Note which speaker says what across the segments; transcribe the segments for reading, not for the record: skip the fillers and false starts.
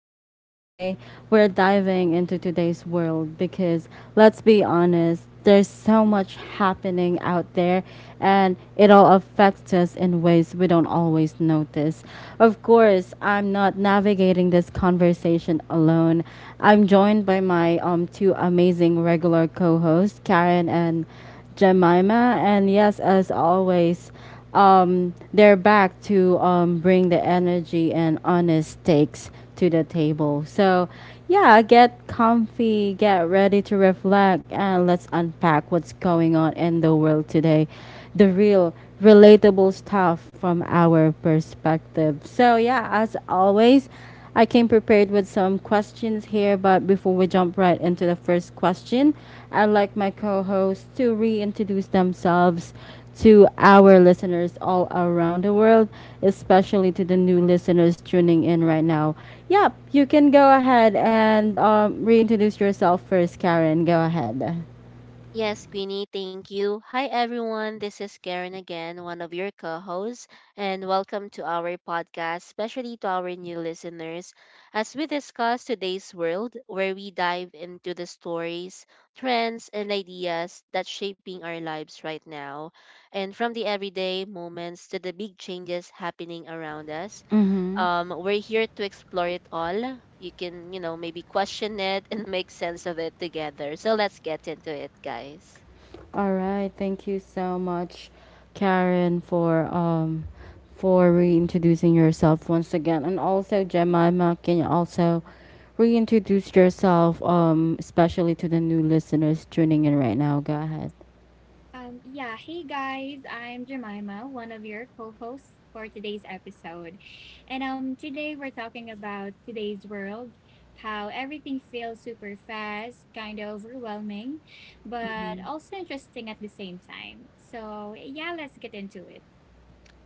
Speaker 1: Queenie, and today we're diving into today's world because let's be honest, there's so much happening out there and it all affects us in ways we don't always notice. Of course, I'm not navigating this conversation alone. I'm joined by my two amazing regular co hosts, Karen and Jemima. And yes, as always, they're back to bring the energy and honest takes to the table. So, yeah, get comfy, get ready to reflect, and let's unpack what's going on in the world today. The real, relatable stuff from our perspective. So, yeah, as always, I came prepared with some questions here, but before we jump right into the first question, I'd like my co hosts to reintroduce themselves to our listeners all around the world, especially to the new listeners tuning in right now. Yep, you can go ahead and reintroduce yourself first, Karen. Go ahead. All right. Thank you so much, Karen, for reintroducing yourself once again. And also Jemima, can you also reintroduce yourself especially to the new listeners tuning in right now. Go ahead.
Speaker 2: Yeah, hey guys, I'm Jemima, one of your co-hosts for today's episode. And today we're talking about today's world, how everything feels super fast, kind of overwhelming, but also interesting at the same time. So, yeah, let's get into it.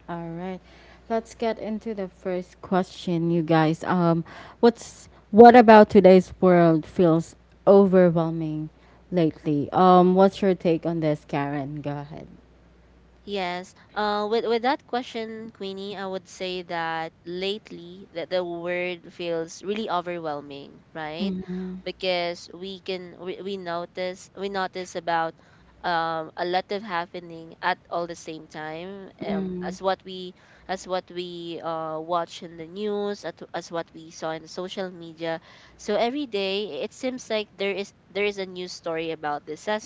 Speaker 1: All right. Let's get into the first question, you guys. What about today's world feels overwhelming lately? What's your take on this, Karen? Go ahead. Mhm.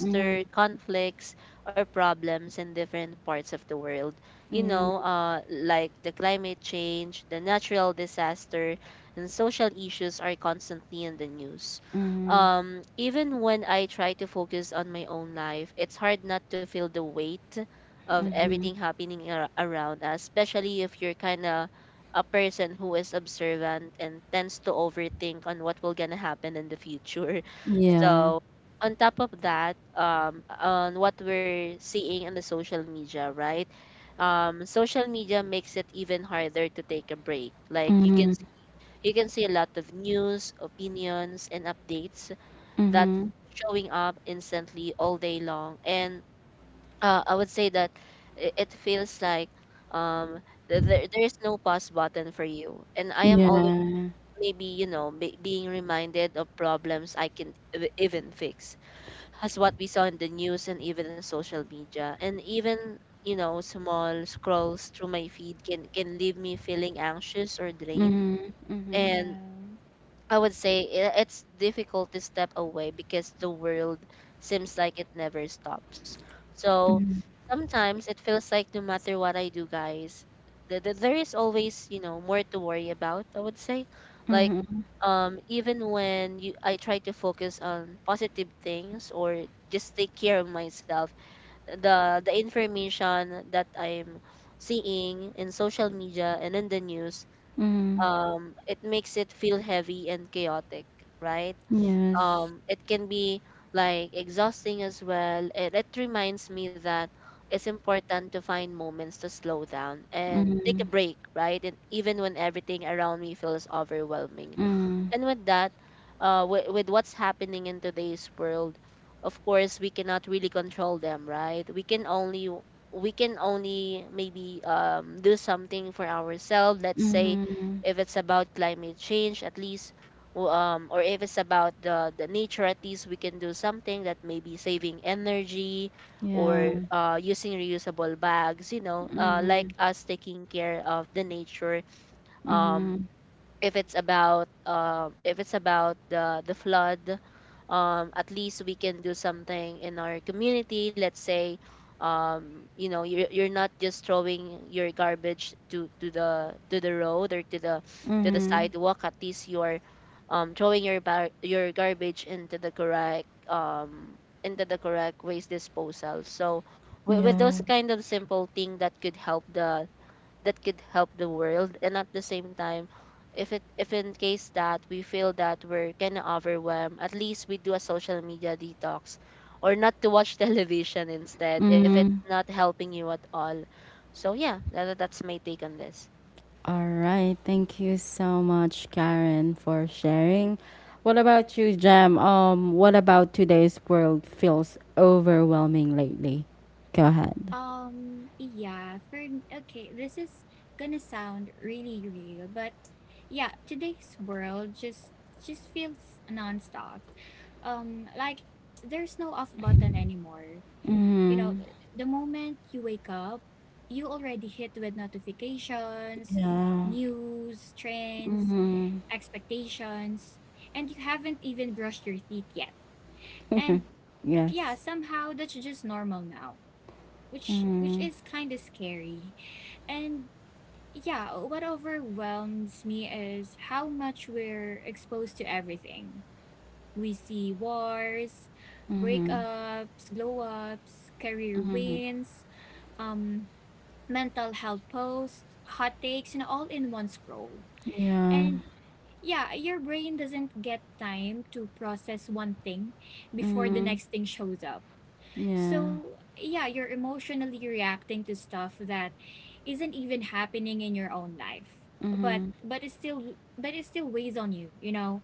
Speaker 1: Mhm. Yeah. Mhm. Mhm. Yeah. Mhm. Mhm. Yeah. Mhm. Mhm.
Speaker 2: Yeah.
Speaker 1: Mhm. Mhm. Yes. Mhm. Mhm. Mhm. Yeah. Mhm. Mhm. Mhm. Yeah. Mhm. All right. Thank you so much, Karen, for sharing. What about you, Jam? What about today's world feels overwhelming lately? Go ahead.
Speaker 2: Yeah, for okay, this is gonna sound really real, but yeah, today's world just feels nonstop like there's no off button anymore you know
Speaker 1: Mm-hmm.
Speaker 2: the moment you wake up, you already hit with notifications,
Speaker 1: Yeah.
Speaker 2: news, trends,
Speaker 1: Mhm.
Speaker 2: expectations, and you haven't even brushed your teeth yet. And yeah,
Speaker 1: Yes.
Speaker 2: somehow that's just normal now, which
Speaker 1: Mhm.
Speaker 2: is kind of scary. And yeah, what overwhelms me is how much we're exposed to everything. We see wars,
Speaker 1: Mhm.
Speaker 2: breakups, glow ups, career wins, um, mental health posts, hot takes, and all in one scroll.
Speaker 1: Yeah.
Speaker 2: And yeah, your brain doesn't get time to process one thing before the
Speaker 1: Mhm.
Speaker 2: next thing shows up.
Speaker 1: Yeah.
Speaker 2: So, yeah, you're emotionally reacting to stuff that isn't even happening in your own life. But
Speaker 1: Mhm.
Speaker 2: but it still but it still weighs on you, you know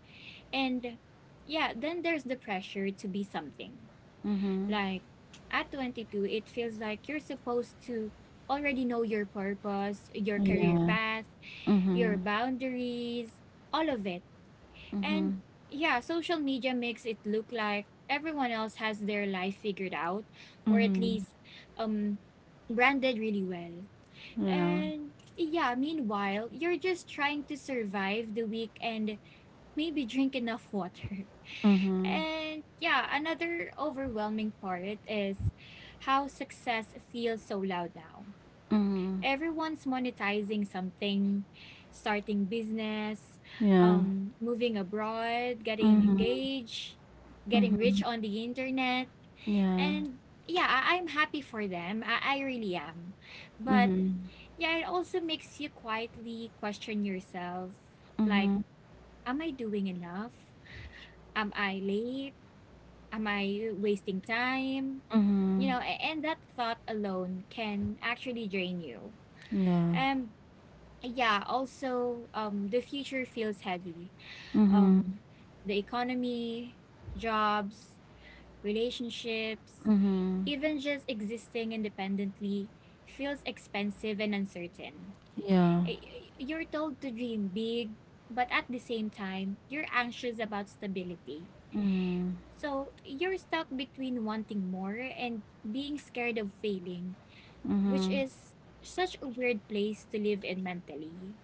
Speaker 2: And yeah, then there's the pressure to be something.
Speaker 1: Mhm.
Speaker 2: Like, at 22, it feels like you're supposed to already know your purpose, your career
Speaker 1: Yeah.
Speaker 2: path, your
Speaker 1: Mhm.
Speaker 2: boundaries, all of it. And
Speaker 1: Mhm.
Speaker 2: yeah, social media makes it look like everyone else has their life figured out, or at
Speaker 1: Mhm.
Speaker 2: least um branded really well.
Speaker 1: Yeah.
Speaker 2: And yeah, meanwhile, you're just trying to survive the week and maybe drink enough water.
Speaker 1: Mhm.
Speaker 2: And yeah, another overwhelming part is how success feels so loud now.
Speaker 1: Mhm.
Speaker 2: Everyone's monetizing something, starting business,
Speaker 1: Yeah.
Speaker 2: moving abroad, getting
Speaker 1: Mhm.
Speaker 2: engaged, getting rich
Speaker 1: Mhm.
Speaker 2: on the internet.
Speaker 1: Yeah. Mhm.
Speaker 2: And yeah, I'm happy for them. I really am. But yeah, it also makes you quietly question yourself, like,
Speaker 1: Mhm.
Speaker 2: am I doing enough? Am I late? Am I wasting time? You
Speaker 1: Mhm.
Speaker 2: know, and that thought alone can actually drain you.
Speaker 1: Yeah.
Speaker 2: Um, yeah, also, the future feels heavy.
Speaker 1: Mhm.
Speaker 2: Um, the economy, jobs, relationships,
Speaker 1: Mhm.
Speaker 2: even just existing independently feels expensive and uncertain.
Speaker 1: Yeah.
Speaker 2: You're told to dream big, but at the same time, you're anxious about stability.
Speaker 1: Mhm.
Speaker 2: So you're stuck between wanting more and being scared of failing, which
Speaker 1: Mhm.
Speaker 2: is such a weird place to live in mentally.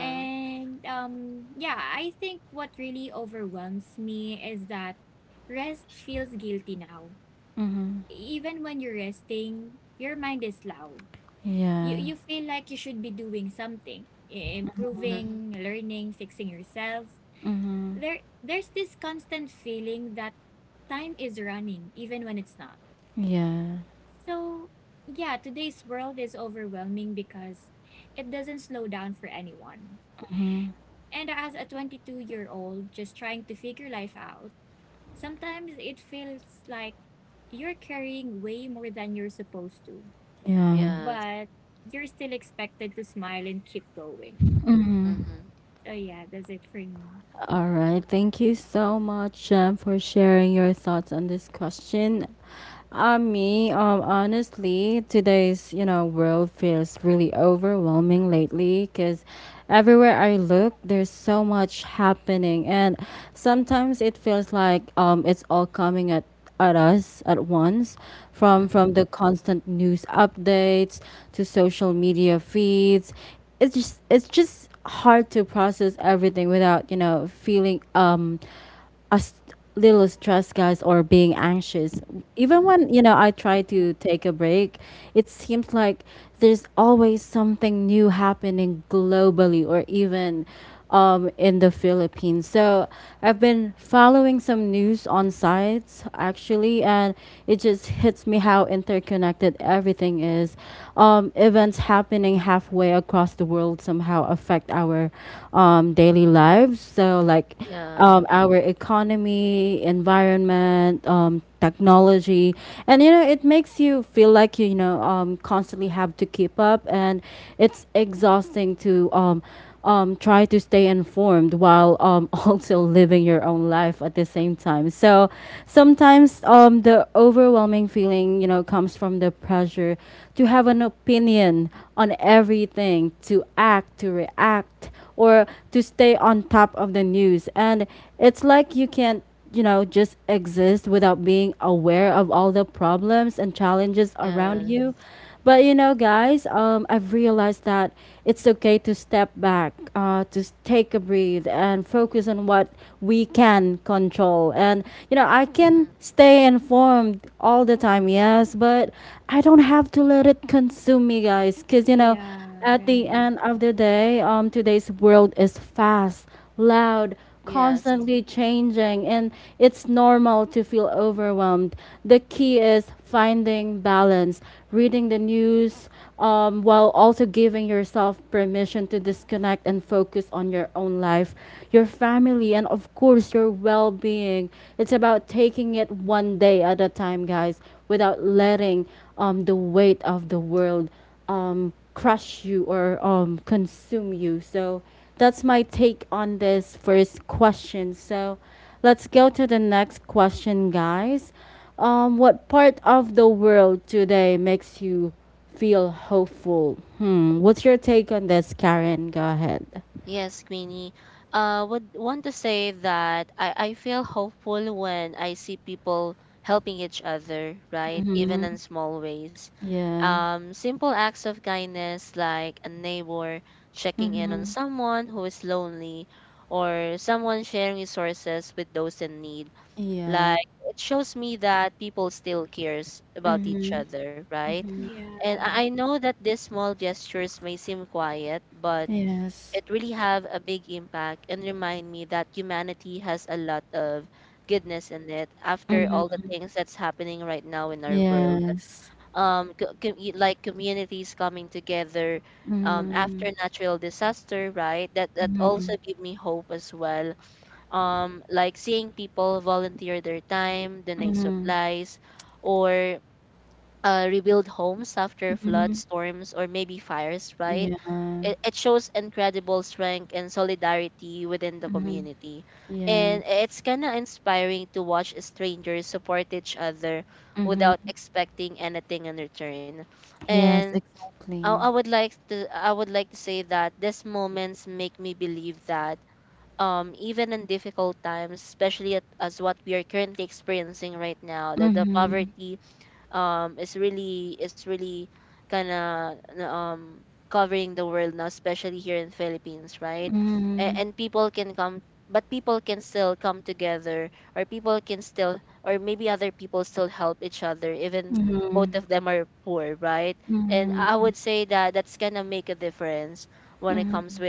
Speaker 2: And yeah, I think what really overwhelms me is that rest feels guilty now.
Speaker 1: Mhm.
Speaker 2: Even when you're resting, your mind is loud. You,
Speaker 1: Yeah.
Speaker 2: you feel like you should be doing something, improving, learning, fixing yourself.
Speaker 1: Mhm.
Speaker 2: There's this constant feeling that time is running even when it's not.
Speaker 1: Yeah.
Speaker 2: So, yeah, today's world is overwhelming because it doesn't slow down for anyone. And as a 22-year-old just trying to figure life out, sometimes it feels like you're carrying way more than you're supposed to.
Speaker 1: Yeah.
Speaker 2: But you're still expected to smile and keep going. So, yeah, that's it for me.
Speaker 1: All right. Thank you so much, Jem, for sharing your thoughts on this question. Honestly, today's world feels really overwhelming lately because everywhere I look, there's so much happening, and sometimes it feels like it's all coming at us at once from the constant news updates to social media feeds, it's just hard to process everything without feeling a s- little stress, guys, or being anxious. Even when I try to take a break, it seems like there's always something new happening globally or even in the Philippines. So I've been following some news on sites actually, and it just hits me how interconnected everything is. Events happening halfway across the world somehow affect our daily lives. So like our economy, environment, technology, and it makes you feel like constantly have to keep up, and it's exhausting to try to stay informed while also living your own life at the same time. So sometimes the overwhelming feeling comes from the pressure to have an opinion on everything, to act, to react, or to stay on top of the news. And it's like you can't, you know, just exist without being aware of all the problems and challenges around you. But you know, guys, I've realized that it's okay to step back, take a breathe and focus on what we can control. And you know, I can stay informed all the time, yes, but I don't have to let it consume me, guys, because you know,
Speaker 2: Yeah,
Speaker 1: at the
Speaker 2: right.
Speaker 1: end of the day, today's world is fast, loud, constantly changing, and it's normal to feel overwhelmed. The key is finding balance, reading the news, while also giving yourself permission to disconnect and focus on your own life, your family, and of course, your well being. It's about taking it one day at a time, guys, without letting the weight of the world crush you or consume you. So that's my take on this first question. So let's go to the next question, guys. What part of the world today makes you feel hopeful? Hmm. What's your take on this, Karen? Go ahead. Mm-hmm. Yeah. Mm-hmm. Yeah. Mm-hmm. Mm-hmm.
Speaker 2: Yeah.
Speaker 1: Yes. Mm-hmm. Yes. Mm-hmm. Mm-hmm. Mm-hmm. Mhm. Yeah. Mhm. Yes. Mhm. Yes, exactly. Mhm. Mhm. Mhm. Mhm. Mhm.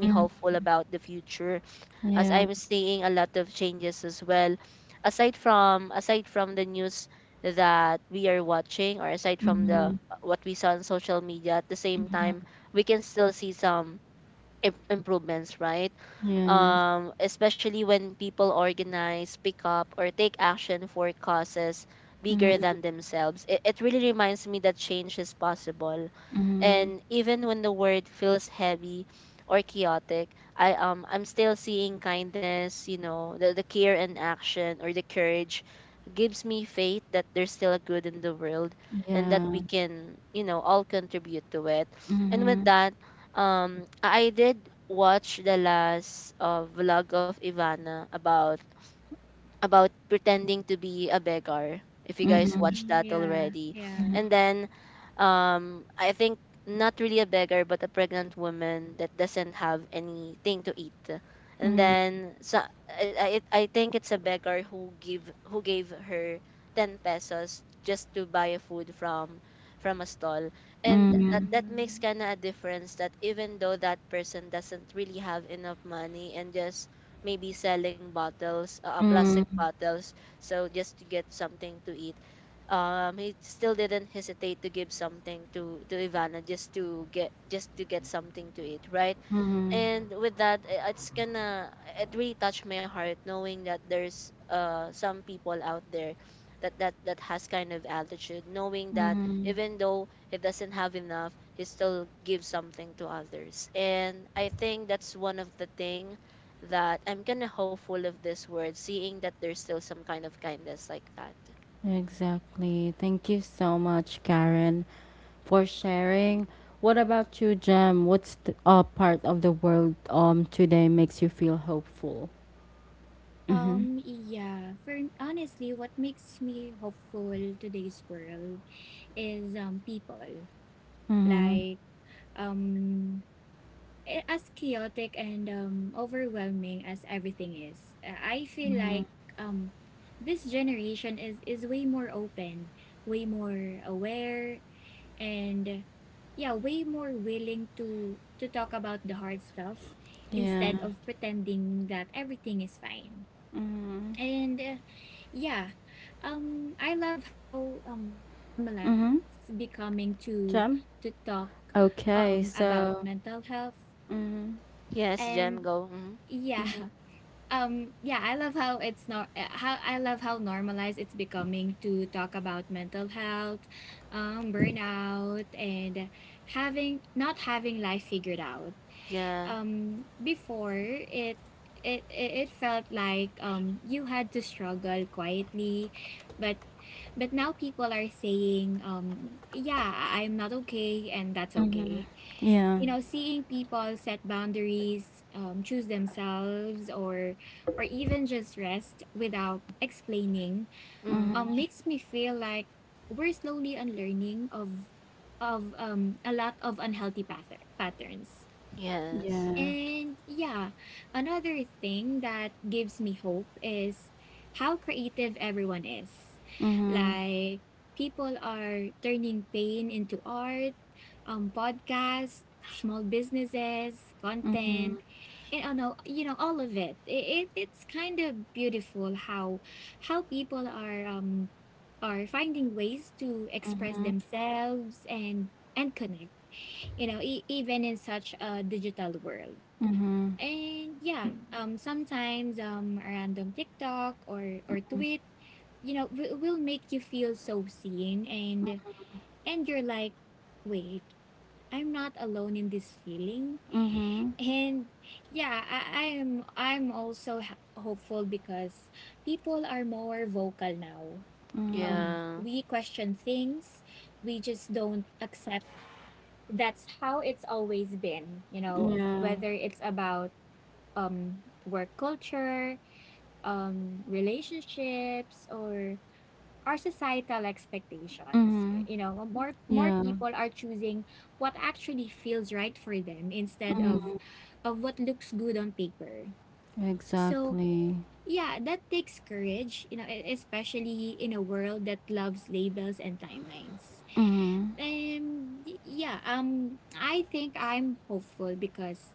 Speaker 1: Mhm. Yeah. Mhm. Yes. Mhm. Mhm. Yeah. Mhm. Mhm.
Speaker 2: Mm. Yeah, yeah.
Speaker 1: Mhm.
Speaker 2: Yeah.
Speaker 1: Mhm. Mhm. Mhm. Mhm. Exactly. Thank you so much, Karen, for sharing. What about you, Jem? What's the part of the world today makes you feel hopeful? Mm-hmm.
Speaker 2: Yeah. For honestly, what makes me hopeful today's world is people.
Speaker 1: Mm-hmm.
Speaker 2: Like, um as chaotic and overwhelming as everything is. I feel
Speaker 1: Mm-hmm.
Speaker 2: like um this generation is way more open, way more aware, and yeah, way more willing to talk about the hard stuff
Speaker 1: Yeah.
Speaker 2: instead of pretending that everything is fine.
Speaker 1: Mm-hmm.
Speaker 2: And yeah, I love how normalized
Speaker 1: Mm-hmm.
Speaker 2: it's becoming to
Speaker 1: Jem?
Speaker 2: to talk
Speaker 1: Okay,
Speaker 2: about
Speaker 1: so.
Speaker 2: mental health.
Speaker 1: Mm-hmm.
Speaker 2: And yeah,
Speaker 1: Mm-hmm.
Speaker 2: yeah, I love how it's not how I love how normalized it's becoming to talk about mental health, burnout, and having not having life figured out. Before, it felt like you had to struggle quietly, but but now people are saying, yeah, I'm not okay, and that's
Speaker 1: Mm-hmm.
Speaker 2: okay
Speaker 1: Yeah.
Speaker 2: you know Seeing people set boundaries, choose themselves, or even just rest without explaining, makes me feel like we're slowly unlearning of a lot of unhealthy patterns.
Speaker 1: Yeah.
Speaker 2: And yeah, another thing that gives me hope is how creative everyone is.
Speaker 1: Mm-hmm.
Speaker 2: Like, people are turning pain into art, podcasts, small businesses,
Speaker 1: Mm-hmm.
Speaker 2: content, and I know, you know, all of it. It's kind of beautiful how people are finding ways to express themselves and connect, you know, even in such a digital world.
Speaker 1: Mm-hmm.
Speaker 2: And yeah, sometimes a random TikTok or tweet, you know, will make you feel so seen, and you're like, wait, I'm not alone in this feeling.
Speaker 1: Mm-hmm.
Speaker 2: And yeah, I'm also hopeful because people are more vocal now.
Speaker 1: Mm-hmm.
Speaker 2: We question things, we just don't accept that's how it's always been. You know,
Speaker 1: Yeah.
Speaker 2: whether it's about work culture, relationships, or our societal expectations,
Speaker 1: Mm-hmm.
Speaker 2: you know, more
Speaker 1: Yeah.
Speaker 2: people are choosing what actually feels right for them instead of what looks good on paper. So
Speaker 1: Exactly.
Speaker 2: yeah, that takes courage, you know, especially in a world that loves labels and timelines. Yeah, I think I'm hopeful because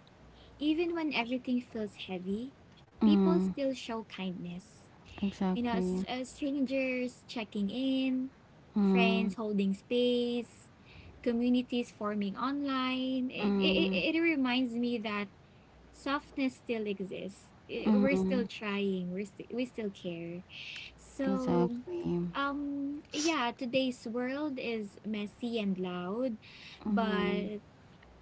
Speaker 2: even when everything feels heavy, people
Speaker 1: Mm-hmm.
Speaker 2: still show kindness. You know,
Speaker 1: Exactly.
Speaker 2: strangers checking in,
Speaker 1: Mm,
Speaker 2: friends holding space, communities forming online. It,
Speaker 1: mm,
Speaker 2: it, it reminds me that softness still exists. We're
Speaker 1: mm,
Speaker 2: still trying. We still care. So,
Speaker 1: exactly.
Speaker 2: yeah, today's world is messy and loud, but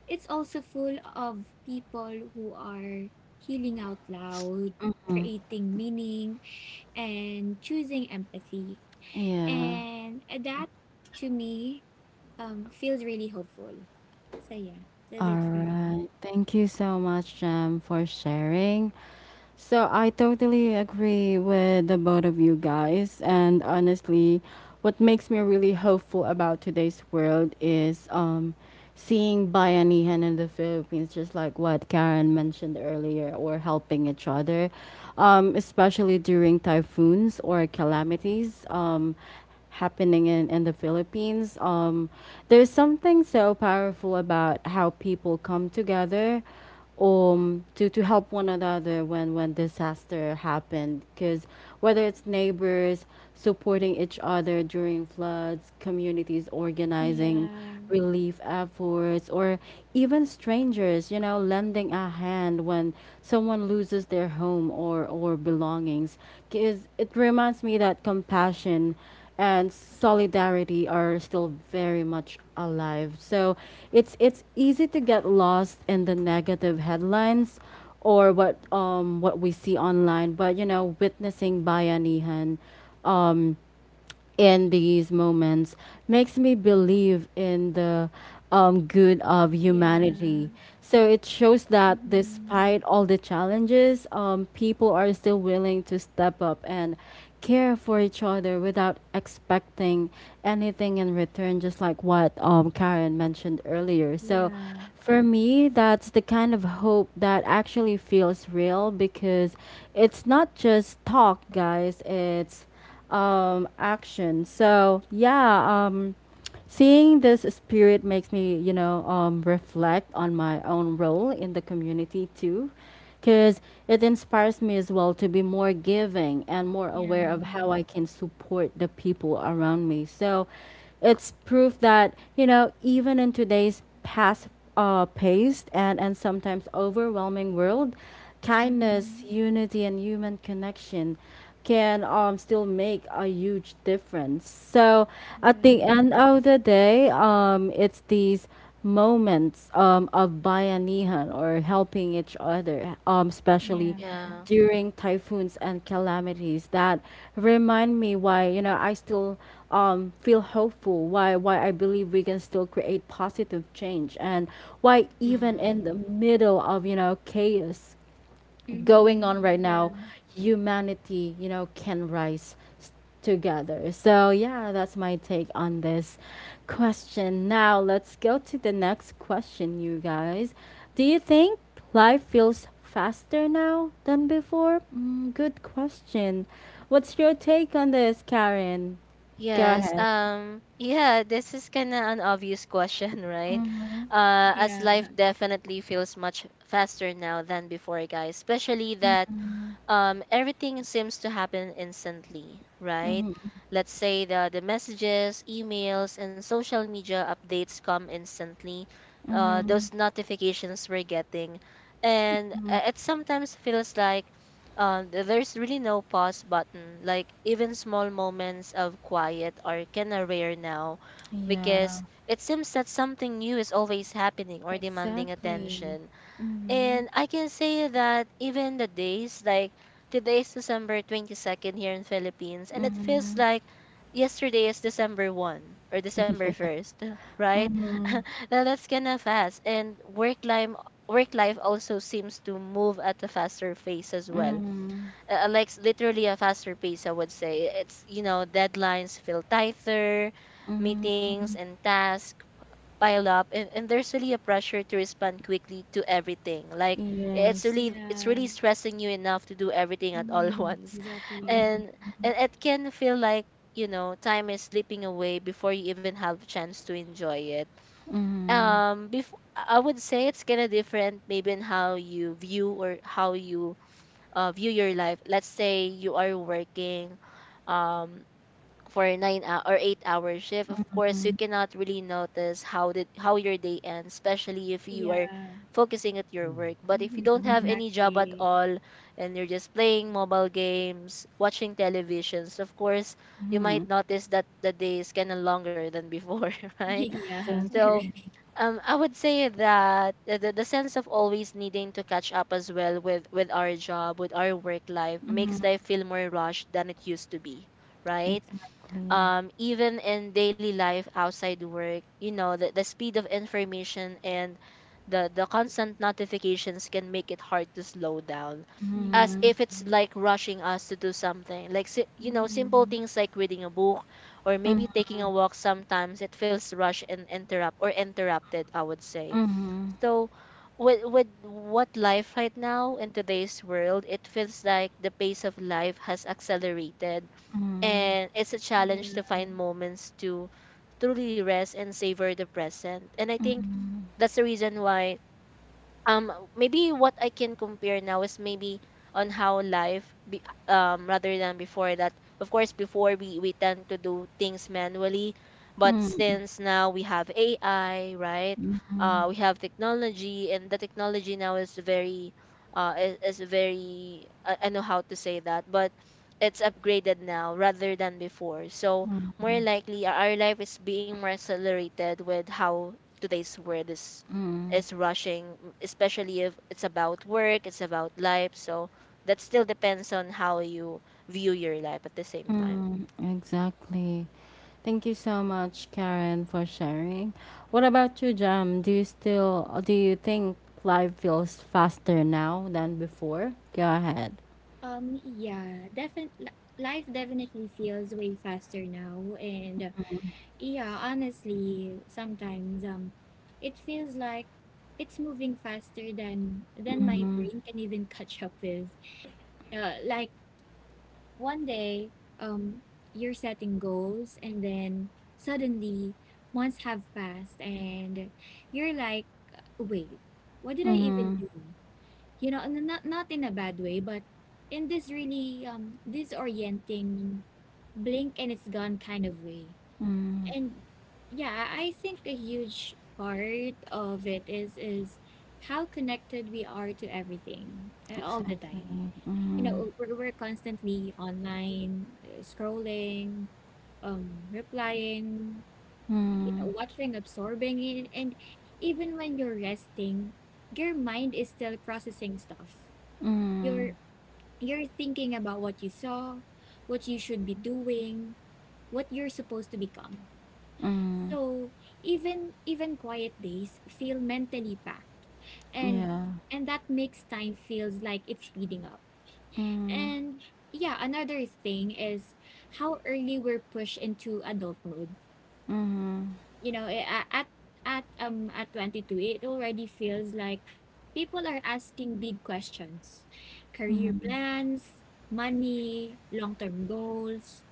Speaker 2: it's also full of people who are healing out loud, creating meaning, and choosing empathy.
Speaker 1: Yeah.
Speaker 2: And that, to me, feels really hopeful. So yeah, that's
Speaker 1: All
Speaker 2: it for me.
Speaker 1: right. Thank you so much, Jam, for sharing. So I totally agree with the both of you guys. And honestly, what makes me really hopeful about today's world is seeing Bayanihan in the Philippines, just like what Karen mentioned earlier, or helping each other, especially during typhoons or calamities. Happening in the Philippines. There's something so powerful about how people come together to help one another when disaster happened, because whether it's neighbors supporting each other during floods, communities organizing
Speaker 2: Yeah.
Speaker 1: relief efforts, or even strangers, you know, lending a hand when someone loses their home or belongings, because it reminds me that compassion and solidarity are still very much alive. So it's easy to get lost in the negative headlines or what we see online, but you know, witnessing bayanihan um, in these moments makes me believe in the good of
Speaker 2: Yeah.
Speaker 1: humanity. So it shows that
Speaker 2: Mm-hmm.
Speaker 1: despite all the challenges, people are still willing to step up and care for each other without expecting anything in return, just like what Karen mentioned earlier. So
Speaker 2: Yeah.
Speaker 1: for me, that's the kind of hope that actually feels real because it's not just talk, guys. It's action. So yeah, seeing this spirit makes me, you know, reflect on my own role in the community too, because it inspires me as well to be more giving and more
Speaker 2: Yeah.
Speaker 1: aware of how I can support the people around me. So it's proof that you know even in today's past paced and sometimes overwhelming world,
Speaker 2: Mm-hmm.
Speaker 1: kindness, unity, and human connection can still make a huge difference. So
Speaker 2: Yeah.
Speaker 1: at the end of the day, it's these moments of bayanihan or helping each other,
Speaker 2: Yeah.
Speaker 1: especially
Speaker 3: Yeah.
Speaker 1: during typhoons and calamities that remind me why you know I still feel hopeful, why I believe we can still create positive change, and why even
Speaker 3: Hmm.
Speaker 1: in the middle of you know chaos going
Speaker 2: Mm-hmm.
Speaker 1: on right now,
Speaker 2: Yeah.
Speaker 1: humanity, you know, can together. So, yeah, that's my take on this question. Now, let's go to the next question, you guys. Do you think life feels faster now than before? Mm, good question. What's your take on this, Karen? Go
Speaker 3: Yes.
Speaker 1: ahead.
Speaker 3: Yeah. This is kind of an obvious question, right?
Speaker 1: Mm-hmm.
Speaker 2: Yeah.
Speaker 3: As life definitely feels much faster now than before, guys. Especially that everything seems to happen instantly, right?
Speaker 1: Mm-hmm.
Speaker 3: Let's say the messages, emails, and social media updates come instantly.
Speaker 1: Mm-hmm.
Speaker 3: Those notifications we're getting. And it sometimes feels like there's really no pause button. Like, even small moments of quiet are kind of rare now, because
Speaker 1: Yeah,
Speaker 3: it seems that something new is always happening or demanding
Speaker 1: exactly.
Speaker 3: attention,
Speaker 1: Mm-hmm.
Speaker 3: and I can say that even the days, like today is December 22nd here in Philippines, and it feels
Speaker 1: Mm-hmm.
Speaker 3: like yesterday is December 1st or December 1st, right?
Speaker 1: Mm-hmm.
Speaker 3: Now that's kind of fast. And work life also seems to move at a faster pace as well.
Speaker 1: Mm,
Speaker 3: Like literally a faster pace, I would say. It's, you know, deadlines feel tighter,
Speaker 1: mhm.
Speaker 3: meetings and tasks pile up, and there's really a pressure to respond quickly to everything, like it's
Speaker 1: Yes.
Speaker 3: really it's
Speaker 2: Yeah.
Speaker 3: really stressing you enough to do everything at all
Speaker 2: Mm-hmm.
Speaker 3: once,
Speaker 2: Exactly.
Speaker 3: and and it can feel like time is slipping away before you even have a chance to enjoy it. Before, I would say it's kind of different, maybe in how you view or how you view your life. Let's say you are working um for a nine hou- or 8-hour shift. Of course, you
Speaker 1: Mhm.
Speaker 3: cannot really notice how your day ends, especially if you are
Speaker 2: Yeah.
Speaker 3: focusing at your work. But if you
Speaker 2: Mm-hmm.
Speaker 3: don't have
Speaker 1: Yeah.
Speaker 3: any job at
Speaker 2: Exactly.
Speaker 3: all and you're just playing mobile games, watching televisions, of course, you might
Speaker 1: Mhm.
Speaker 3: notice that the day is kind of longer than before, right?
Speaker 2: yeah.
Speaker 1: Exactly.
Speaker 3: So, I would say that the sense of always needing to catch up as well with our job, with our work life,
Speaker 1: Mhm.
Speaker 3: makes life feel more rushed than it used to be, right?
Speaker 1: Exactly.
Speaker 3: Even in daily life outside work, the speed of information and the constant notifications can make it hard to slow down. As
Speaker 2: Yeah.
Speaker 1: Mhm.
Speaker 3: if it's like rushing us to do something. Like, simple
Speaker 2: Mm-hmm.
Speaker 3: things like reading a book or
Speaker 1: Mm,
Speaker 3: maybe taking a walk sometimes, it feels rushed and interrupted, I would say.
Speaker 1: mhm.
Speaker 3: So, with what life right now in today's world, it feels like the pace of life has accelerated
Speaker 1: Mhm.
Speaker 3: and it's a challenge
Speaker 2: Yeah.
Speaker 3: to find moments to truly rest and savor the present. And I think that's the reason why maybe what I can compare now is maybe on how life be, rather than before. That, of course, before we tend to do things manually, but
Speaker 1: Mm,
Speaker 3: since now we have AI, right? We have technology, and the technology now is very is very — I know how to say that, but it's upgraded now rather than before. So more likely our life is being more accelerated with how today's world is rushing, especially if it's about work, it's about life. So that still depends on how you view your life at the same time.
Speaker 1: mhm. Exactly. Thank you so much, Karen, for sharing. What about you, Jam? Do you think life feels faster now than before? Go ahead.
Speaker 2: Yeah, defin life definitely feels way faster now, and yeah, honestly, sometimes it feels like it's moving faster than my brain can even catch up with. Like, one day, um, you're setting goals, and then suddenly months have passed, and you're like, wait, what did I even
Speaker 1: Mm,
Speaker 2: do? You know, and not in a bad way, but in this really disorienting, blink and it's gone kind of way. And yeah, I think a huge part of it is how connected we are to everything, all the
Speaker 1: exactly.
Speaker 2: time. You
Speaker 1: Mm,
Speaker 2: know, we're constantly online, scrolling, replying, you know,
Speaker 1: mm,
Speaker 2: watching, absorbing it, and even when you're resting, your mind is still processing stuff.
Speaker 1: mm,
Speaker 2: Your you're thinking about what you saw, what you should be doing, what you're supposed to become.
Speaker 1: mm,
Speaker 2: So even quiet days feel mentally packed. And
Speaker 1: yeah.
Speaker 2: and that makes time feels like it's speeding up.
Speaker 1: Mm.
Speaker 2: And yeah, another thing is how early we're pushed into adulthood. You know, at 22, it already feels like people are asking big questions, career plans, money, long-term goals,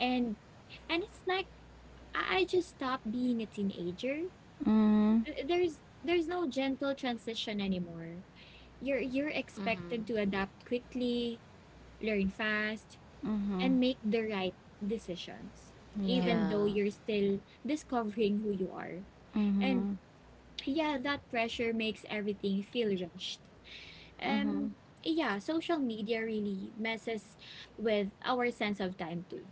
Speaker 2: and and it's like, I just stopped being a teenager.
Speaker 1: Mhm,
Speaker 2: There's no gentle transition anymore. You're expected
Speaker 3: Mm-hmm.
Speaker 2: to adapt quickly, learn fast, and
Speaker 1: mhm,
Speaker 2: make the right decisions,
Speaker 1: yeah.
Speaker 2: even though
Speaker 3: Yeah.
Speaker 2: you're still discovering who you are. And
Speaker 1: Mhm,
Speaker 2: yeah, that pressure makes everything feel rushed. Um, yeah, social media really messes with our sense of time too.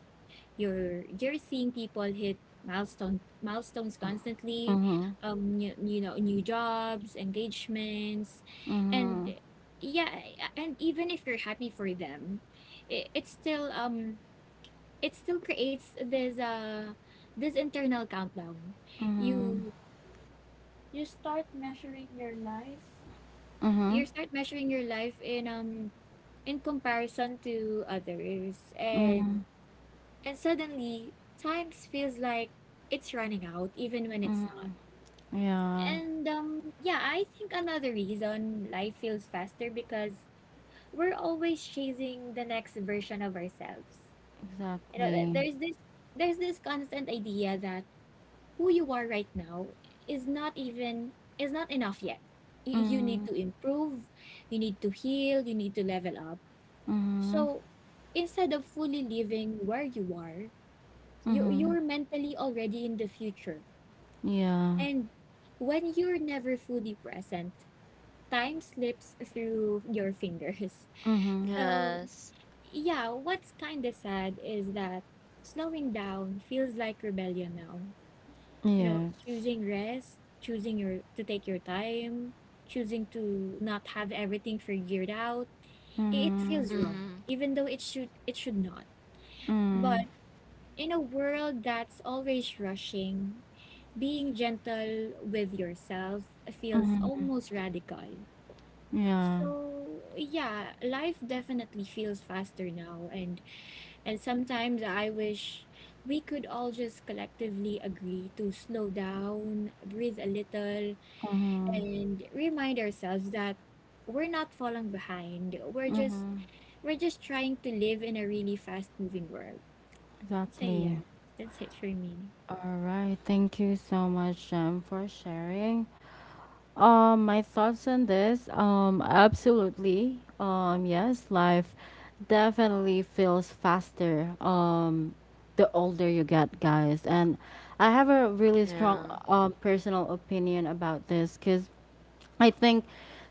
Speaker 2: You're seeing people hit milestones constantly,
Speaker 1: mhm,
Speaker 2: you you know, new jobs, engagements, and
Speaker 1: mhm,
Speaker 2: yeah, and even if you're happy for them, it, it's still um it still creates this this internal countdown. You you start measuring your life, you
Speaker 1: mhm,
Speaker 2: start measuring your life in um in comparison to others,
Speaker 1: mhm.
Speaker 2: and suddenly times feels like it's running out even when it's not.
Speaker 1: Yeah,
Speaker 2: And yeah, I think another reason life feels faster, because we're always chasing the next version of ourselves. You know,
Speaker 1: exactly.
Speaker 2: there's this constant idea that who you are right now is not even is not enough yet. You need to improve, you need to heal, you need to level up.
Speaker 1: Mhm,
Speaker 2: So instead of fully living where you are,
Speaker 1: mhm,
Speaker 2: you're mentally already in the future.
Speaker 1: yeah.
Speaker 2: And when you're never fully present, time slips through your fingers.
Speaker 1: Mhm,
Speaker 2: So,
Speaker 3: Yes.
Speaker 2: yeah, what's kind of sad is that slowing down feels like rebellion now. You know,
Speaker 1: yes.
Speaker 2: choosing rest, choosing your to take your time, choosing to not have everything figured out. It
Speaker 1: Mhm,
Speaker 2: feels wrong,
Speaker 3: Mm-hmm.
Speaker 2: even though it should not.
Speaker 1: mm,
Speaker 2: But in a world that's always rushing, being gentle with yourself feels almost radical.
Speaker 1: yeah.
Speaker 2: So, yeah, life definitely feels faster now, and sometimes I wish we could all just collectively agree to slow down, breathe a little, and remind ourselves that we're not falling behind.
Speaker 1: Mhm,
Speaker 2: We're just trying to live in a really fast-moving world. So,
Speaker 1: exactly.
Speaker 2: yeah, that's it for me.
Speaker 1: All right. Thank you so much, Jem, for sharing. My thoughts on this, absolutely. Yes, life definitely feels faster. The older you get, guys, and I have a really
Speaker 3: Yeah.
Speaker 1: strong personal opinion about this, cause I think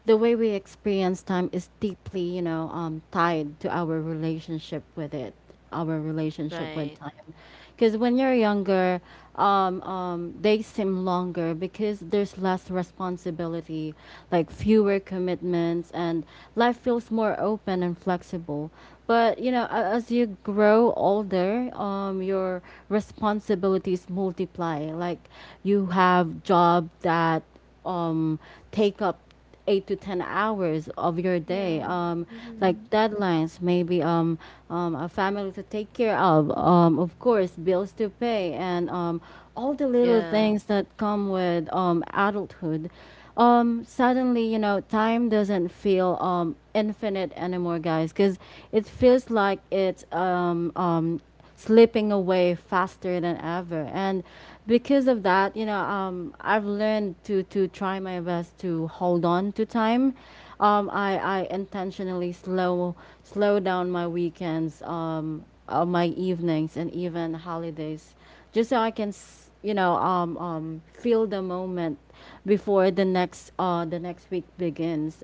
Speaker 1: the way we experience time is deeply, you know, tied to our relationship with it, our relationship
Speaker 3: Right.
Speaker 1: with time. Because when you're younger, they seem longer because there's less responsibility, like fewer commitments, and life feels more open and flexible. But you know, as you grow older, your responsibilities multiply. Like you have job that um, take up 8 to 10 hours of your day,
Speaker 2: Yeah.
Speaker 1: like
Speaker 2: Mhm.
Speaker 1: deadlines maybe a family to take care of, of course bills to pay, and all the little
Speaker 3: Yeah.
Speaker 1: things that come with adulthood. Suddenly you know time doesn't feel infinite anymore, guys, because it feels like it's slipping away faster than ever. And because of that, you know, I've learned to try my best to hold on to time. I intentionally slow down my weekends, my evenings, and even holidays just so I can, you know, feel the moment before the next week begins.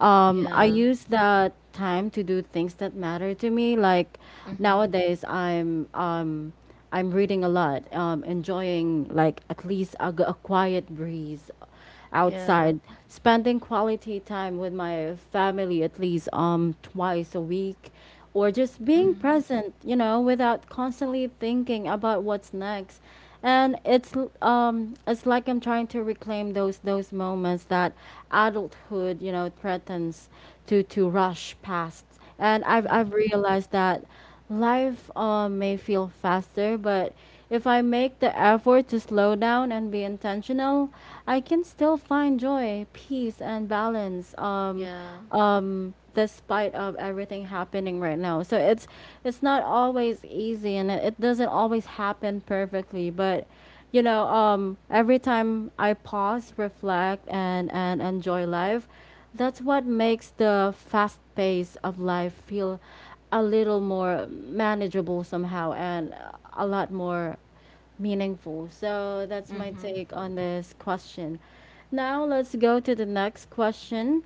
Speaker 1: I
Speaker 3: Yeah.
Speaker 1: use that time to do things that matter to me. Like
Speaker 3: Mm-hmm.
Speaker 1: nowadays, I'm reading a lot, enjoying like at least a quiet breeze
Speaker 3: Yeah.
Speaker 1: outside, spending quality time with my family at least twice a week, or just being
Speaker 3: Mm-hmm.
Speaker 1: present, you know, without constantly thinking about what's next. And it's like I'm trying to reclaim those moments that adulthood, you know, threatens to rush past, and I've
Speaker 3: Mm-hmm.
Speaker 1: realized that life may feel faster, but if I make the effort to slow down and be intentional, I can still find joy, peace, and balance.
Speaker 3: Yeah.
Speaker 1: Despite of everything happening right now, so it's not always easy, and it doesn't always happen perfectly, but every time I pause, reflect, and enjoy life, that's what makes the fast pace of life feel a little more manageable somehow and a lot more meaningful. So that's my
Speaker 3: Mm-hmm.
Speaker 1: take on this question. Now let's go to the next question.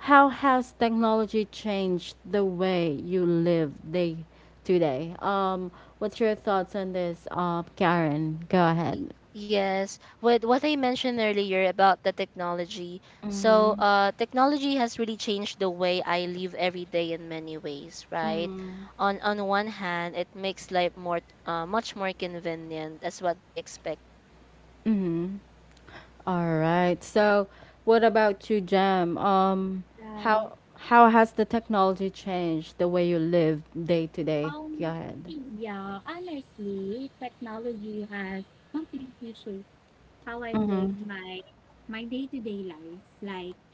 Speaker 1: How has technology changed the way you live day to day? What's your thoughts on this, Karen? Go
Speaker 3: Y-
Speaker 1: ahead.
Speaker 3: Yes, with what I mentioned earlier about the technology. So, technology has really changed the way I live every day in many ways, right? On one hand, it makes life more — much more convenient as what we expecting. You guys
Speaker 1: Mm-hmm.
Speaker 3: can shop online,
Speaker 1: All
Speaker 3: pay
Speaker 1: right.
Speaker 3: bills,
Speaker 1: So,
Speaker 3: work
Speaker 1: what about you,
Speaker 3: remotely, right?
Speaker 1: Jam?
Speaker 3: And talk to
Speaker 2: Yeah.
Speaker 1: How
Speaker 3: friends and
Speaker 1: how
Speaker 3: family
Speaker 1: has the technology
Speaker 3: instantly,
Speaker 1: changed the way
Speaker 3: and
Speaker 1: you
Speaker 3: get
Speaker 1: live
Speaker 3: information
Speaker 1: day
Speaker 3: as
Speaker 1: to
Speaker 3: well
Speaker 1: day?
Speaker 3: in
Speaker 1: Go
Speaker 2: Um,
Speaker 1: ahead.
Speaker 3: seconds,
Speaker 2: yeah, honestly, technology
Speaker 3: so
Speaker 2: has
Speaker 3: with that, I
Speaker 2: completely
Speaker 3: would
Speaker 2: shaped
Speaker 3: say that
Speaker 2: how I
Speaker 3: technology
Speaker 2: live
Speaker 3: has
Speaker 2: my
Speaker 3: made
Speaker 2: my
Speaker 3: life
Speaker 2: day-to-day
Speaker 3: busier and
Speaker 2: life.
Speaker 3: sometimes
Speaker 2: Like,
Speaker 3: more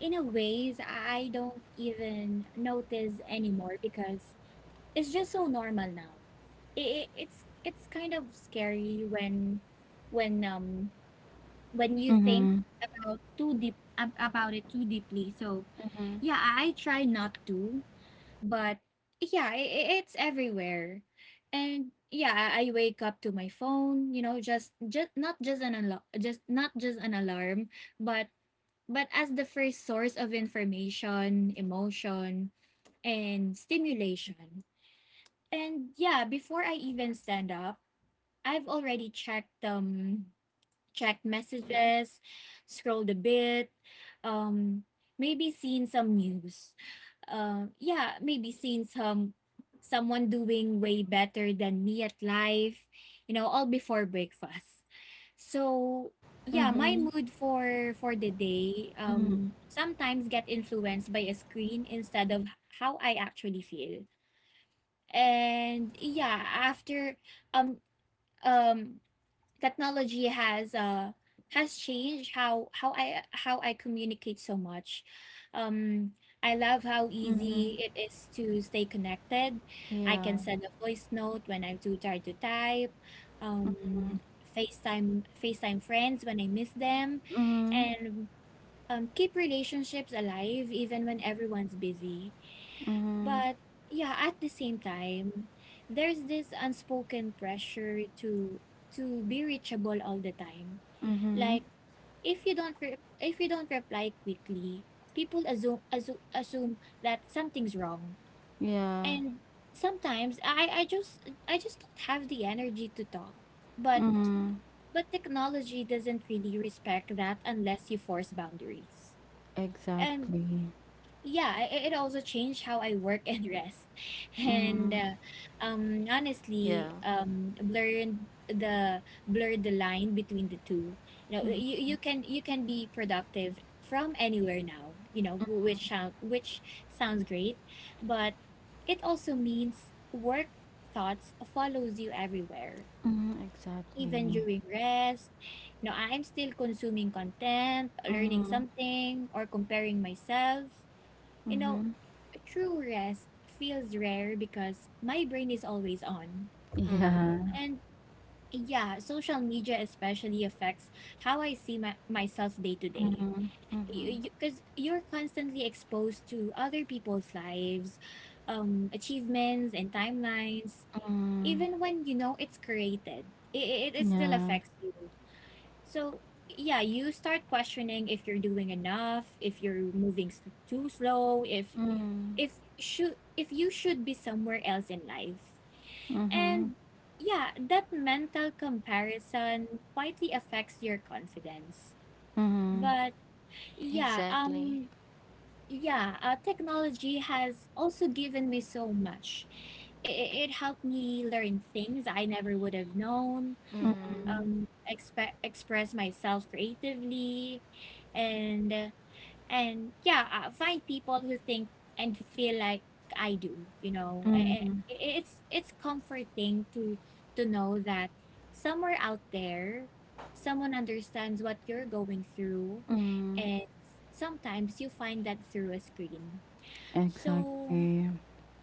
Speaker 2: in a ways I
Speaker 3: And I
Speaker 2: don't
Speaker 3: would say
Speaker 2: even
Speaker 3: that
Speaker 2: notice
Speaker 3: wala na
Speaker 2: anymore
Speaker 3: naman ako ng
Speaker 2: because
Speaker 3: net.
Speaker 2: it's just so normal now. It's
Speaker 3: Yari.
Speaker 2: kind of scary when when um when you think about it too deeply. So yeah, I try not to. But yeah, it's everywhere. And yeah, I wake up to my phone, just not just an alarm, just not just an alarm, but but as the first source of information, emotion, and stimulation. And yeah, before I even stand up, I've already checked messages, scrolled a bit, um maybe seen some news, yeah maybe seeing someone doing way better than me at life, all before breakfast. So yeah, my
Speaker 1: Mm-hmm.
Speaker 2: mood for the day
Speaker 1: Mm-hmm.
Speaker 2: sometimes get influenced by a screen instead of how I actually feel. And yeah, after um um technology has changed how I communicate so much. Um, I love how
Speaker 1: Mm-hmm.
Speaker 2: easy it is to stay connected. I
Speaker 1: Yeah.
Speaker 2: can send a voice note when I'm too tired to type. Um, FaceTime friends when I miss them,
Speaker 1: Mm-hmm.
Speaker 2: and keep relationships alive even when everyone's busy.
Speaker 1: Mm-hmm.
Speaker 2: But yeah, at the same time, there's this unspoken pressure to be reachable all the time.
Speaker 1: Mm-hmm.
Speaker 2: Like if you don't reply quickly, people assume that something's wrong.
Speaker 1: Yeah.
Speaker 2: And sometimes I just don't have the energy to talk. But
Speaker 1: Mm-hmm.
Speaker 2: but technology doesn't really respect that unless you force boundaries. And
Speaker 1: Exactly.
Speaker 2: yeah, it also changed how I work and rest. And
Speaker 1: Mm-hmm.
Speaker 2: honestly,
Speaker 3: Yeah.
Speaker 2: blurred the line between the two. You know, you can be productive from anywhere now, which sounds great, but it also means work thoughts follows you everywhere.
Speaker 1: Mm-hmm.
Speaker 2: Even
Speaker 1: Exactly.
Speaker 2: during rest, you know, I'm still consuming content, learning
Speaker 1: Mm-hmm.
Speaker 2: something, or comparing myself, you know
Speaker 1: Mm-hmm.
Speaker 2: true rest feels rare because my brain is always on.
Speaker 3: Mm-hmm.
Speaker 1: Yeah.
Speaker 2: And yeah, social media especially affects how I see myself day to day.
Speaker 1: Mm-hmm. Mm-hmm.
Speaker 2: Because you're constantly exposed to other people's lives, achievements, and timelines.
Speaker 1: Mm-hmm.
Speaker 2: Even when you know it's created, it still
Speaker 1: Yeah.
Speaker 2: affects you. So, yeah, you start questioning if you're doing enough, if you're moving s- too slow,
Speaker 1: Mm-hmm.
Speaker 2: if you should be somewhere else in life.
Speaker 1: Mm-hmm.
Speaker 2: And yeah, that mental comparison quietly affects your confidence.
Speaker 1: Mm-hmm.
Speaker 2: But yeah,
Speaker 3: Exactly.
Speaker 2: um yeah, technology has also given me so much. It helped me learn things I never would have known,
Speaker 3: Mm-hmm.
Speaker 2: express myself creatively, and find people who think and feel like I do. You know,
Speaker 1: Mm-hmm.
Speaker 2: it's comforting to know that somewhere out there someone understands what you're going through,
Speaker 1: Mm,
Speaker 2: and sometimes you find that through a screen. So
Speaker 1: exactly.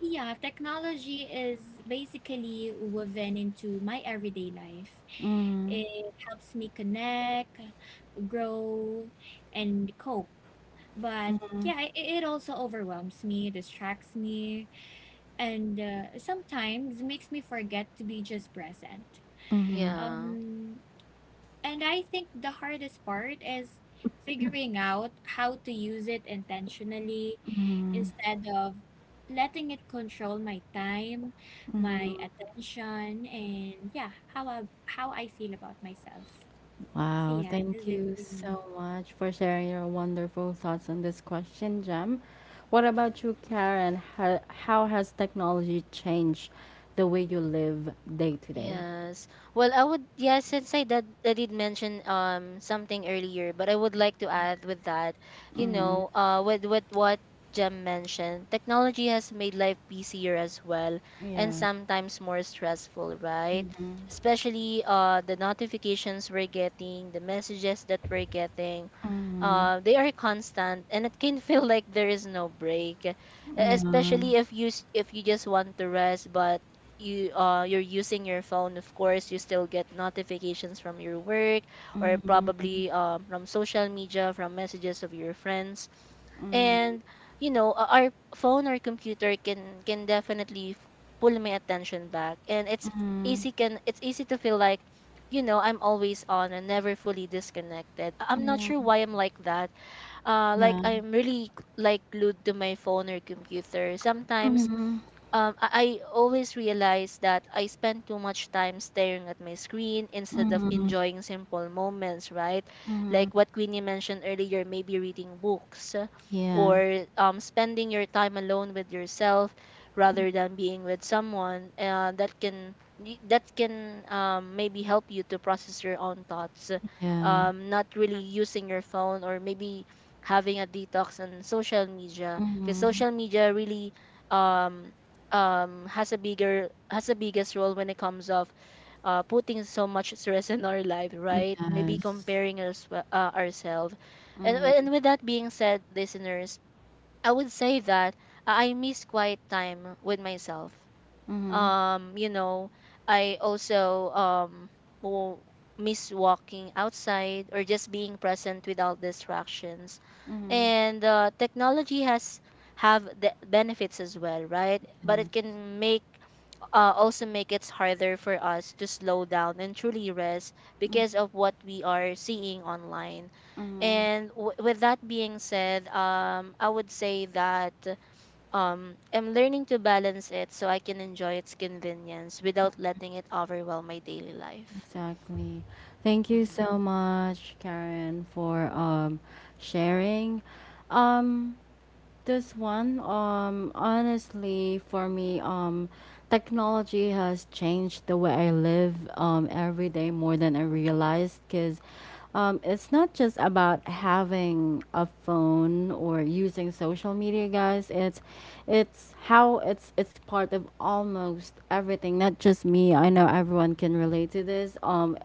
Speaker 2: yeah, technology is basically woven into my everyday life.
Speaker 1: Mm.
Speaker 2: It helps me connect, grow, and cope. But yeah, it also overwhelms me, distracts me, and sometimes makes me forget to be just present.
Speaker 3: Yeah.
Speaker 2: Um, and I think the hardest part is figuring out how to use it intentionally instead of letting it control my time, my attention, and yeah, how I feel about myself. So
Speaker 1: Wow.
Speaker 2: yeah, that's
Speaker 1: Thank
Speaker 2: it
Speaker 1: you
Speaker 2: for me.
Speaker 1: so much for sharing your wonderful thoughts on this question, Jem. What about you, Karen? How has technology changed the way you live day to day?
Speaker 3: Yes. Well, I would yeah, since I did mention something earlier, but I would like to add with that, with what Jem mentioned, technology has made life busier as well and
Speaker 1: Yeah.
Speaker 3: sometimes more stressful, right?
Speaker 1: Mm-hmm.
Speaker 3: Especially the notifications we're getting, the messages that we're getting,
Speaker 1: Mm-hmm.
Speaker 3: they are constant, and it can feel like there is no break,
Speaker 1: Yeah.
Speaker 3: especially if you — if you just want to rest, but you — you're using your phone, of course you still get notifications from your work, or
Speaker 1: Mm-hmm.
Speaker 3: probably from social media, from messages of your friends. And our phone or computer can definitely pull my attention back, and it's
Speaker 1: Mm-hmm.
Speaker 3: easy can it's easy to feel like I'm always on and never fully disconnected. I'm not sure
Speaker 1: Mm-hmm.
Speaker 3: why I'm like that. Like
Speaker 1: Yeah.
Speaker 3: I'm really like glued to my phone or computer. Sometimes
Speaker 1: Mm-hmm.
Speaker 3: I always realize that I spend too much time staring at my screen instead of
Speaker 1: Mm-hmm.
Speaker 3: enjoying simple moments, right?
Speaker 1: Mm-hmm.
Speaker 3: Like what Queenie mentioned earlier, maybe reading books, uh,
Speaker 1: Yeah.
Speaker 3: or um, spending your time alone with yourself, rather than being with someone, that can — that can maybe help you to process your own thoughts,
Speaker 1: Yeah.
Speaker 3: not really using your phone, or maybe having a detox on social media, because
Speaker 1: Mm-hmm.
Speaker 3: social media really um, has a bigger has the biggest role when it comes of putting so much stress in our life, right? Maybe
Speaker 1: Yes.
Speaker 3: comparing us, ourselves. And with that being said, listeners, I would say that I miss quiet time with myself.
Speaker 1: Mm-hmm.
Speaker 3: um you know I also, w- miss walking outside or just being present without distractions.
Speaker 1: Mm-hmm.
Speaker 3: And technology has — have the benefits as well, right? But it
Speaker 1: Yes.
Speaker 3: can make — also make it harder for us to slow down and truly rest because of what we are seeing online.
Speaker 1: Mm,
Speaker 3: And with that being said, I would say that I am learning to balance it so I can enjoy its convenience without letting it overwhelm my daily life.
Speaker 1: exactly. Thank you
Speaker 3: Mm-hmm.
Speaker 1: so much, Karen, for sharing. Um, This one, honestly, for me, technology has changed the way I live every day more than I realized, because it's not just about having a phone or using social media, guys. It's it's part of almost everything. Not just me. I know everyone can relate to this.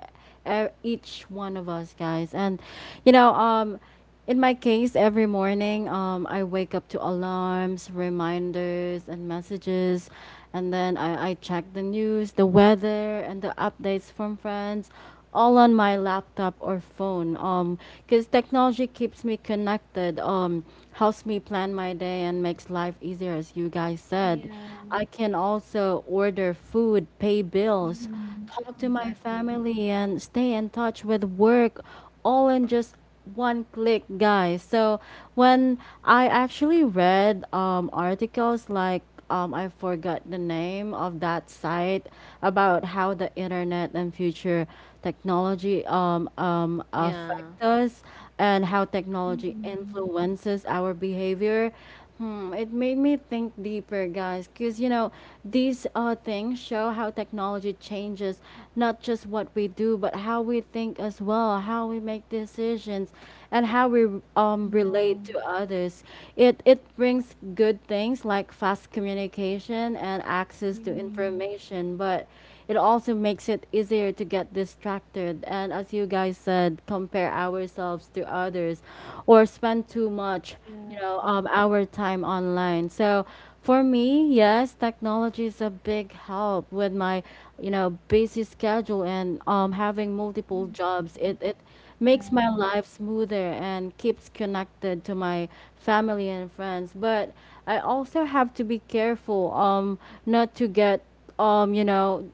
Speaker 1: E- each one of us, guys. And you know, in my case, every morning, I wake up to alarms, reminders, and messages, and then I check the news, the weather, and the updates from friends, all on my laptop or phone. Because technology keeps me connected. Helps me plan my day and makes life easier, as you guys said.
Speaker 2: Yeah.
Speaker 1: I can also order food, pay bills,
Speaker 2: Mm-hmm.
Speaker 1: talk to my
Speaker 2: Exactly.
Speaker 1: family, and stay in touch with work all in just one click, guys. So when I actually read articles like I forgot the name of that site, about how the internet and future technology affect
Speaker 3: Yeah.
Speaker 1: us and how technology
Speaker 2: Mm-hmm.
Speaker 1: influences our behavior. Hmm, it made me think deeper, guys, because you know, these things show how technology changes not just what we do, but how we think as well, how we make decisions, and how we
Speaker 2: Yeah.
Speaker 1: relate to others. It brings good things like fast communication and access to
Speaker 2: Mm-hmm.
Speaker 1: information, but it also makes it easier to get distracted and, as you guys said, compare ourselves to others or spend too much,
Speaker 2: Yeah.
Speaker 1: you know, our time online. So for me, yes, technology is a big help with my, you know, busy schedule and having multiple
Speaker 2: Hmm.
Speaker 1: jobs. It makes
Speaker 2: Yeah.
Speaker 1: my life smoother and keeps connected to my family and friends. But I also have to be careful, not to get, you know,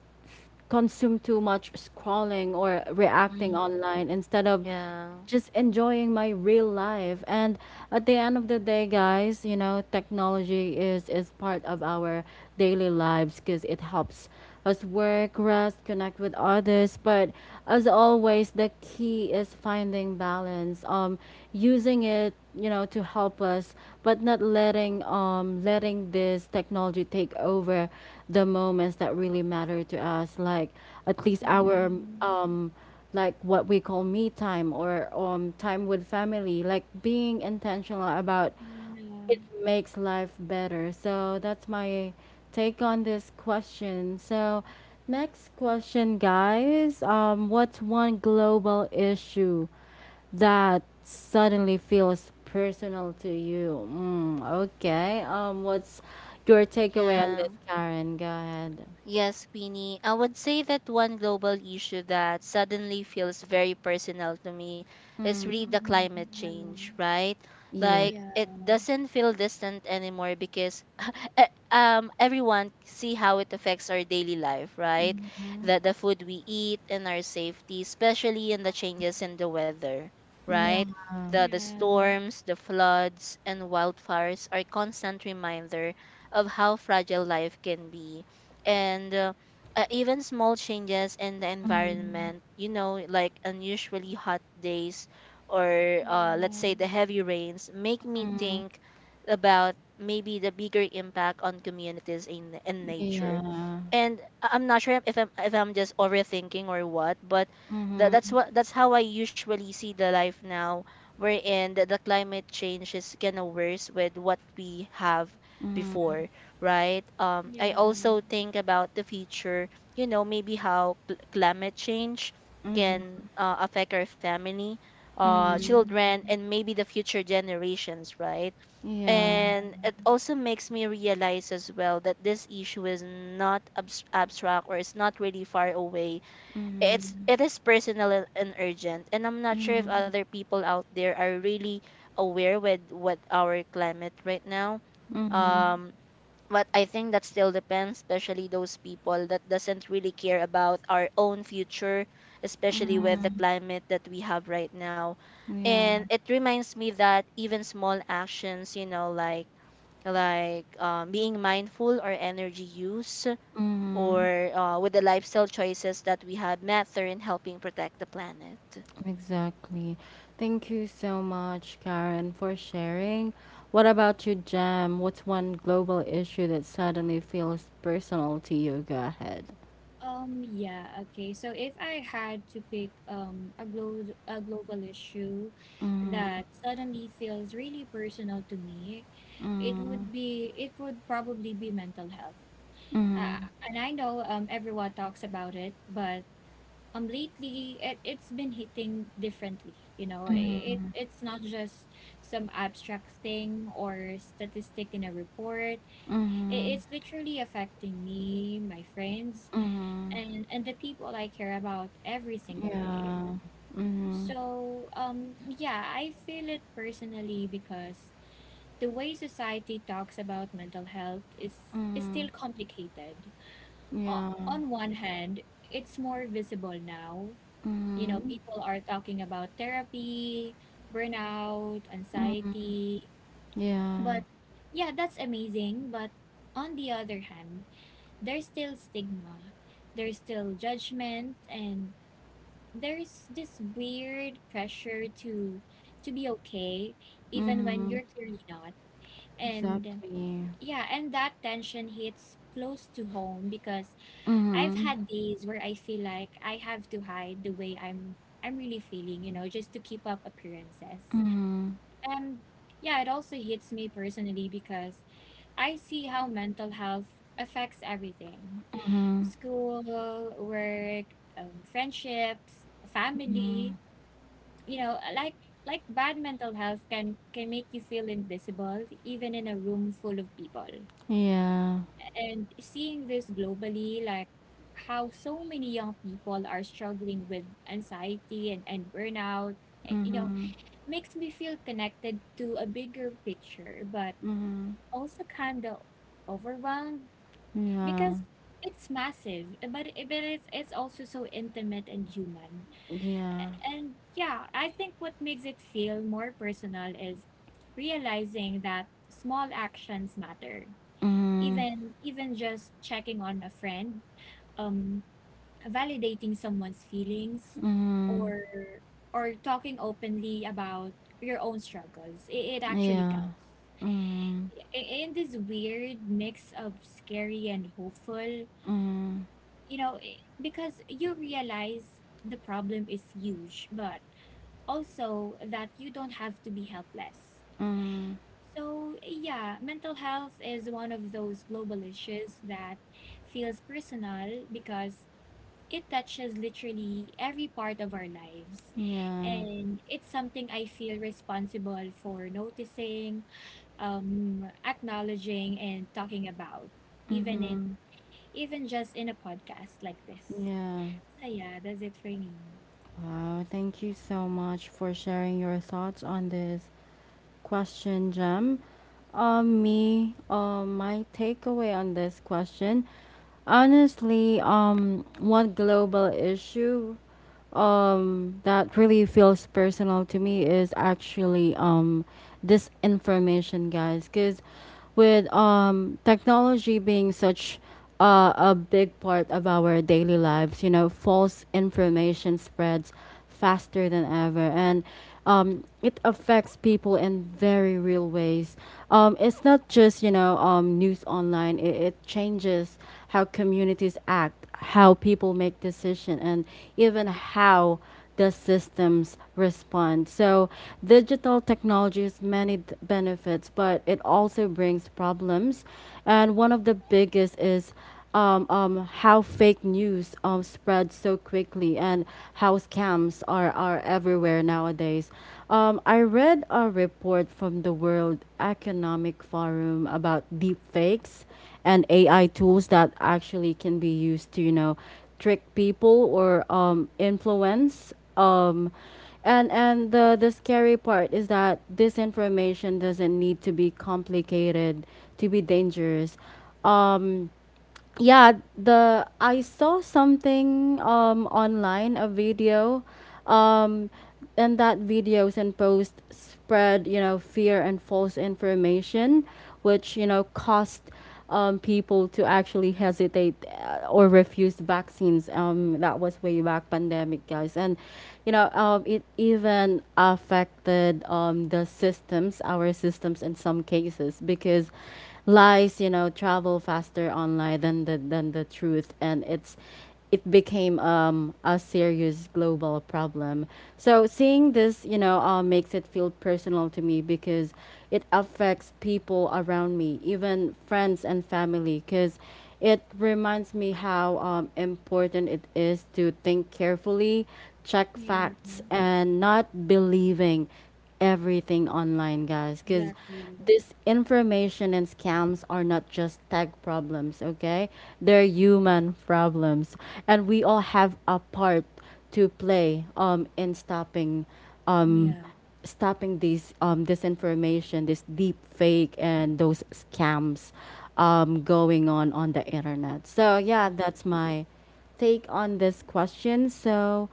Speaker 1: consume too much scrolling or reacting
Speaker 3: Mm-hmm.
Speaker 1: online instead of
Speaker 3: Yeah.
Speaker 1: just enjoying my real life. And at the end of the day, guys, you know, technology is part of our daily lives because it helps us work, rest, connect with others. But as always, the key is finding balance, using it, you know, to help us, but not letting this technology take over the moments that really matter to us, like at
Speaker 2: Yeah.
Speaker 1: least our
Speaker 2: Yeah.
Speaker 1: um like what we call me time, or time with family, like being intentional about
Speaker 2: Yeah.
Speaker 1: it makes life better. So that's my take on this question. So next question, guys, what's one global issue that suddenly feels personal to you? Mm, okay. What's your takeaway on this,
Speaker 3: Yeah.
Speaker 1: Karen? Go ahead.
Speaker 3: Yes, Queenie. I would say that one global issue that suddenly feels very personal to me is
Speaker 1: Mm,
Speaker 3: really the
Speaker 2: Mhm.
Speaker 3: climate
Speaker 2: Yeah.
Speaker 3: change, right?
Speaker 1: yeah.
Speaker 3: Like,
Speaker 2: Yeah.
Speaker 3: it doesn't feel distant anymore, because e- everyone see how it affects our daily life, right?
Speaker 1: Mm-hmm.
Speaker 3: That the food we eat and our safety, especially in the changes in the weather, right?
Speaker 1: Yeah.
Speaker 3: The
Speaker 2: Yeah,
Speaker 3: storms, the floods, and wildfires are constant reminder of how fragile life can be, and even small changes in the environment, like unusually hot days, or let's say
Speaker 2: yeah,
Speaker 3: the heavy rains, make me
Speaker 1: Mm,
Speaker 3: think about maybe the bigger impact on communities in nature.
Speaker 1: yeah.
Speaker 3: And I'm not sure if I'm just overthinking or what, but that, that's
Speaker 1: Mm-hmm.
Speaker 3: what that's how I usually see the life now, wherein the climate change is kind of worse with what we have
Speaker 1: Mm-hmm.
Speaker 3: before, right? I
Speaker 2: yeah,
Speaker 3: also think about the future, maybe how climate change can affect our family,
Speaker 1: Mm-hmm. Mm-hmm.
Speaker 3: children,
Speaker 2: mm,
Speaker 3: and maybe the future generations, right?
Speaker 2: yeah,
Speaker 1: Yeah.
Speaker 3: And it also makes me realize as well that this issue is not abstract, or it's not really far away. It's
Speaker 1: Mm-hmm.
Speaker 3: it is personal and urgent, and I'm not sure if
Speaker 1: Mm-hmm.
Speaker 3: other people out there are really aware with what our climate right now.
Speaker 1: Mm-hmm.
Speaker 2: mm,
Speaker 3: Um, but I think that still depends, especially those people that doesn't really care about our own future, especially
Speaker 2: yeah.
Speaker 3: with the
Speaker 1: Mm-hmm.
Speaker 3: climate that we have right now.
Speaker 1: Yeah.
Speaker 3: And it reminds me that even small actions, like being mindful or energy use,
Speaker 1: Mm-hmm.
Speaker 3: or with the lifestyle choices that we have, matter in helping protect the planet.
Speaker 1: Exactly. Thank you so much, Karen, for sharing. What about you, Jam? What's one global issue that suddenly feels personal to you? Go ahead.
Speaker 2: Yeah, okay. So if I had to pick a global issue that suddenly feels really personal to me, it would probably be mental health. Uh, and I know everyone talks about it, but lately it's been hitting differently. You know, it's not just some abstract thing or statistic in a report.
Speaker 1: Mm-hmm.
Speaker 2: It's literally affecting me, my friends,
Speaker 1: Mm-hmm.
Speaker 2: and the people I care about every single day.
Speaker 1: Yeah. Mm-hmm.
Speaker 2: So yeah, I feel it personally because the way society talks about mental health is
Speaker 1: Mm-hmm.
Speaker 2: still complicated. uh,
Speaker 1: Yeah.
Speaker 2: on one hand, it's more visible now. You know,
Speaker 1: Mm-hmm.
Speaker 2: people are talking about therapy, burnout,
Speaker 1: Mm-hmm.
Speaker 2: anxiety.
Speaker 1: Yeah.
Speaker 2: But yeah, that's amazing. But on the other hand, there's still stigma, there's still judgment, and there's this weird pressure to be okay even when
Speaker 1: Mm-hmm.
Speaker 2: you're clearly not. And
Speaker 1: Exactly.
Speaker 2: yeah, and that tension hits close to home because I've
Speaker 1: Mm-hmm.
Speaker 2: had days where I feel like I have to hide the way I'm really feeling, you know, just to keep up appearances.
Speaker 1: Mm-hmm.
Speaker 2: Um, yeah, it also hits me personally because I see how mental health affects everything.
Speaker 1: Mm-hmm.
Speaker 2: School, work, friendships,
Speaker 1: Mm-hmm.
Speaker 2: family, you know, like bad mental health can make you feel invisible even in a room full of people.
Speaker 1: Yeah.
Speaker 2: And seeing this globally, like how so many young people are struggling with anxiety and burnout, you know,
Speaker 1: Mm-hmm.
Speaker 2: makes me feel connected to a bigger picture, but
Speaker 1: Mm-hmm.
Speaker 2: also kind of overwhelmed
Speaker 1: Yeah.
Speaker 2: because it's massive, but, it's also so intimate and human.
Speaker 1: Yeah.
Speaker 2: And yeah, I think what makes it feel more personal is realizing that small actions matter.
Speaker 1: Mm-hmm.
Speaker 2: Even even just checking on a friend, um, validating someone's feelings,
Speaker 1: Mm,
Speaker 2: or or talking openly about your own struggles. It actually
Speaker 1: yeah.
Speaker 2: counts.
Speaker 1: Mm,
Speaker 2: I- In this weird mix of scary and hopeful,
Speaker 1: mm,
Speaker 2: you know, because you realize the problem is huge, but also that you don't have to be helpless.
Speaker 1: mm,
Speaker 2: So, yeah, mental health is one of those global issues that feels personal because it touches literally every part of our lives.
Speaker 1: yeah.
Speaker 2: And it's something I feel responsible for noticing, acknowledging, and talking about, even
Speaker 1: Mm-hmm,
Speaker 2: in even just in a podcast like this.
Speaker 1: yeah.
Speaker 2: So yeah, that's it for me.
Speaker 1: Wow, thank you so much for sharing your thoughts on this question, Jam. My takeaway on this question, honestly, one global issue, that really feels personal to me is actually disinformation, guys. Because with technology being such a big part of our daily lives, you know, false information spreads faster than ever, and it affects people in very real ways. It's not just, you know, news online. It changes how communities act, how people make decisions, and even how the systems respond. So digital technology has many benefits, but it also brings problems. And one of the biggest is, how fake news spreads so quickly and how scams are everywhere nowadays. I read a report from the World Economic Forum about deep fakes and AI tools that actually can be used to, you know, trick people or influence. And the scary part is that this information doesn't need to be complicated to be dangerous. Um, yeah the I saw something online, a video, um and that videos and posts spread, you know, fear and false information, which, you know, caused people to actually hesitate, or refuse vaccines, that was way back pandemic, guys. And you know, it even affected, the systems, our systems in some cases, because lies, you know, travel faster online than the truth, and it became, a serious global problem. So seeing this, you know, makes it feel personal to me because it affects people around me, even friends and family, because it reminds me how important it is to think carefully, check
Speaker 2: Yeah,
Speaker 1: facts, and not believing everything online, guys, because
Speaker 2: exactly.
Speaker 1: this information and scams are not just tech problems, okay? They're human problems, and we all have a part to play in stopping, um
Speaker 2: Yeah.
Speaker 1: these disinformation, this deep fake, and those scams going on the internet. So yeah, that's my take on this question. So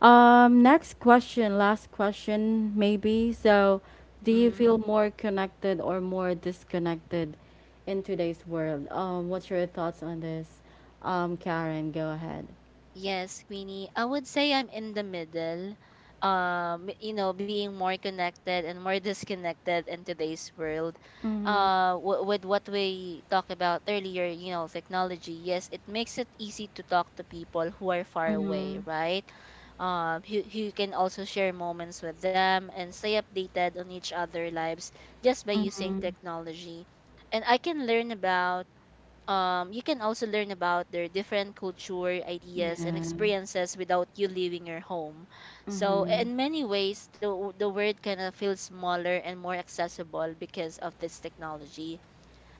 Speaker 1: next question, last question, maybe. So, do you
Speaker 3: Mm-hmm.
Speaker 1: feel more connected or more disconnected in today's world? What's your thoughts on this? Karen, go ahead.
Speaker 3: Yes, Queenie. I would say I'm in the middle. Being more connected and more disconnected in today's world.
Speaker 1: Mm-hmm.
Speaker 3: With what we talked about earlier, technology. Yes, it makes it easy to talk to people who are far away,
Speaker 1: Mm-hmm.
Speaker 3: right? You can also share moments with them and stay updated on each other lives, just by using
Speaker 1: Mm-hmm.
Speaker 3: technology. And I can learn about you can also learn about their different culture, ideas, and
Speaker 1: Yeah.
Speaker 3: experiences without you leaving your home. So,
Speaker 1: Mm-hmm.
Speaker 3: in many ways, the world kind of feels smaller and more accessible because of this technology.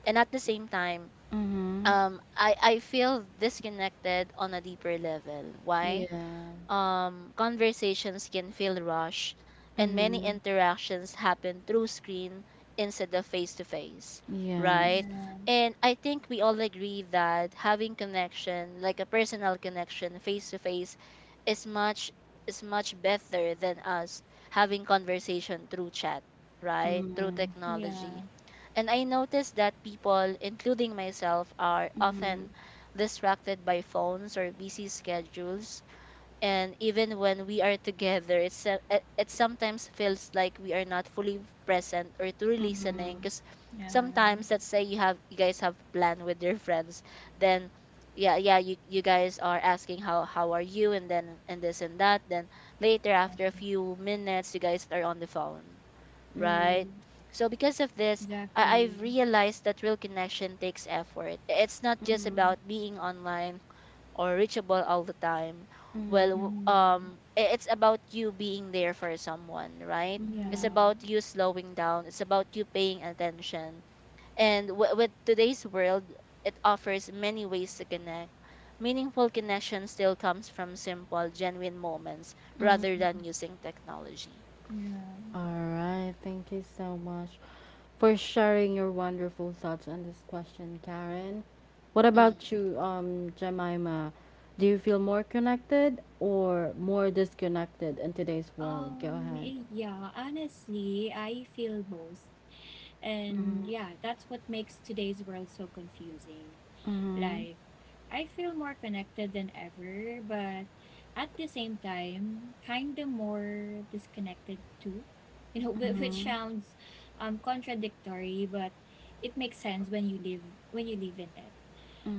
Speaker 3: And at the same time,
Speaker 1: Mm-hmm.
Speaker 3: I feel disconnected on a deeper level. Why?
Speaker 1: Yeah.
Speaker 3: Conversations can feel rushed, and many
Speaker 1: Mm-hmm.
Speaker 3: interactions happen through screen instead of face to face,
Speaker 1: Yes.
Speaker 3: right?
Speaker 2: Yeah.
Speaker 3: And I think we all agree that having connection, like a personal connection, face to face, is much is much better than us having conversation through chat, right? Through
Speaker 1: Mm-hmm.
Speaker 2: Yeah.
Speaker 3: technology. And I noticed that people, including myself, are
Speaker 1: Mm-hmm.
Speaker 3: often distracted by phones or busy schedules, and even when we are together, it's so- it sometimes feels like we are not fully present or truly
Speaker 1: Mm-hmm.
Speaker 3: listening, because
Speaker 2: Yeah.
Speaker 3: sometimes, let's say, you guys have plan with your friends, then — yeah, yeah, you guys are asking how are you, and then, and this and that, then later after a few minutes you guys are on the phone, right?
Speaker 1: Mm-hmm.
Speaker 3: So because of this, I've
Speaker 2: Exactly.
Speaker 3: realized that real connection takes effort. It's not just about being online or reachable all the time.
Speaker 1: Mm-hmm.
Speaker 3: Well,
Speaker 2: Mm-hmm.
Speaker 3: it's about you being there for someone, right? It's
Speaker 2: Yeah.
Speaker 3: about you slowing down, it's about you paying attention, and with today's world, it offers many ways to connect; meaningful connection still comes from simple genuine moments rather
Speaker 1: Mm-hmm.
Speaker 3: than using technology.
Speaker 2: Yeah.
Speaker 1: All right. Thank you so much for sharing your wonderful thoughts on this question, Karen. What about
Speaker 3: Mm,
Speaker 1: you, Jemima? Do you feel more connected or more disconnected in today's world? Go ahead.
Speaker 2: Yeah, honestly, I feel both. And yeah, that's what makes today's world so confusing.
Speaker 1: Mm-hmm.
Speaker 2: Like, I feel more connected than ever, but at the same time, kind of more disconnected too. You know, which sounds contradictory, but it makes sense when you live in it.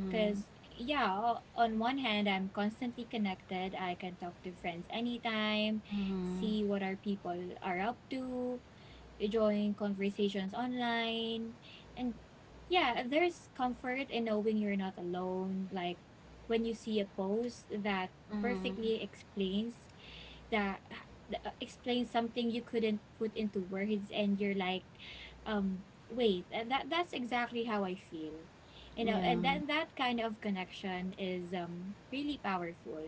Speaker 2: Because, yeah, on one hand, I'm constantly connected. I can talk to friends anytime, see what our people are up to, join conversations online. And yeah, there's comfort in knowing you're not alone. Like when you see a post that
Speaker 1: Mm-hmm.
Speaker 2: perfectly explains that explains something you couldn't put into words and you're like, um wait, and that that's exactly how I feel. You know,
Speaker 1: Yeah.
Speaker 2: and then that kind of connection is really powerful.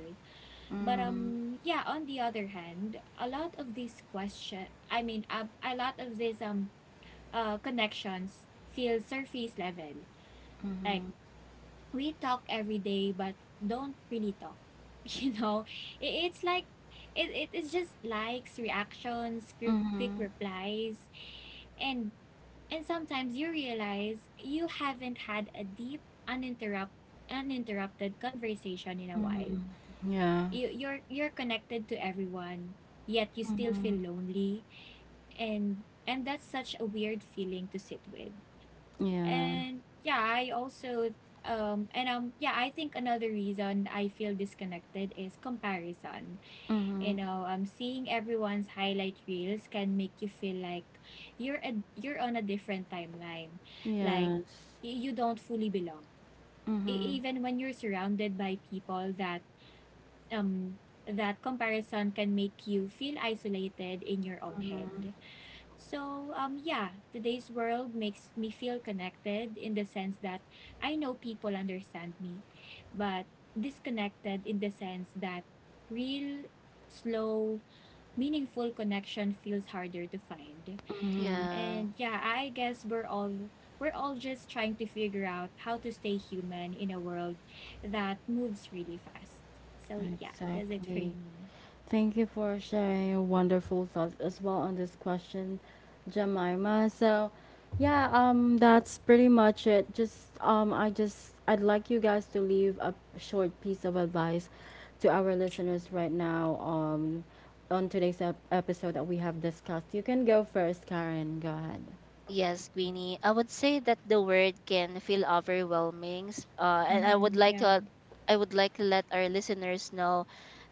Speaker 2: But
Speaker 1: Mm-hmm.
Speaker 2: yeah, on the other hand, a lot of these connections feel surface level. Like we talk every day, but don't really talk. You know, it's like, it, it's just likes, reactions, quick
Speaker 1: Mm-hmm.
Speaker 2: replies. and and sometimes you realize you haven't had a deep uninterrupt uninterrupted conversation in a while.
Speaker 1: Mm-hmm. Yeah.
Speaker 2: You're connected to everyone yet you still feel
Speaker 1: Mm-hmm.
Speaker 2: lonely. And that's such a weird feeling to sit with.
Speaker 1: Yeah.
Speaker 2: And yeah, I also and yeah, I think another reason I feel disconnected is comparison. You
Speaker 1: Mm-hmm.
Speaker 2: know, seeing everyone's highlight reels can make you feel like you're on a different timeline. Like
Speaker 1: Yes.
Speaker 2: you don't fully belong.
Speaker 1: Mm-hmm.
Speaker 2: Even when you're surrounded by people that um that comparison can make you feel isolated in your own head. So, yeah, today's world makes me feel connected in the sense that I know people understand me, but disconnected in the sense that real, slow, meaningful connection feels harder to find.
Speaker 3: yeah.
Speaker 2: And yeah, I guess we're all just trying to figure out how to stay human in a world that moves really fast. So yeah, that's it for
Speaker 1: Exactly.
Speaker 2: me.
Speaker 1: Thank you for sharing your wonderful thoughts as well on this question, Jemima. So, yeah, that's pretty much it. Just I just I'd like you guys to leave a short piece of advice to our listeners right now. On today's episode that we have discussed, you can go first, Karen. Go ahead.
Speaker 3: Yes, Queenie. I would say that the word can feel overwhelming, and I
Speaker 2: Mm-hmm.
Speaker 3: would like
Speaker 2: Yeah.
Speaker 3: to, I would like to let our listeners know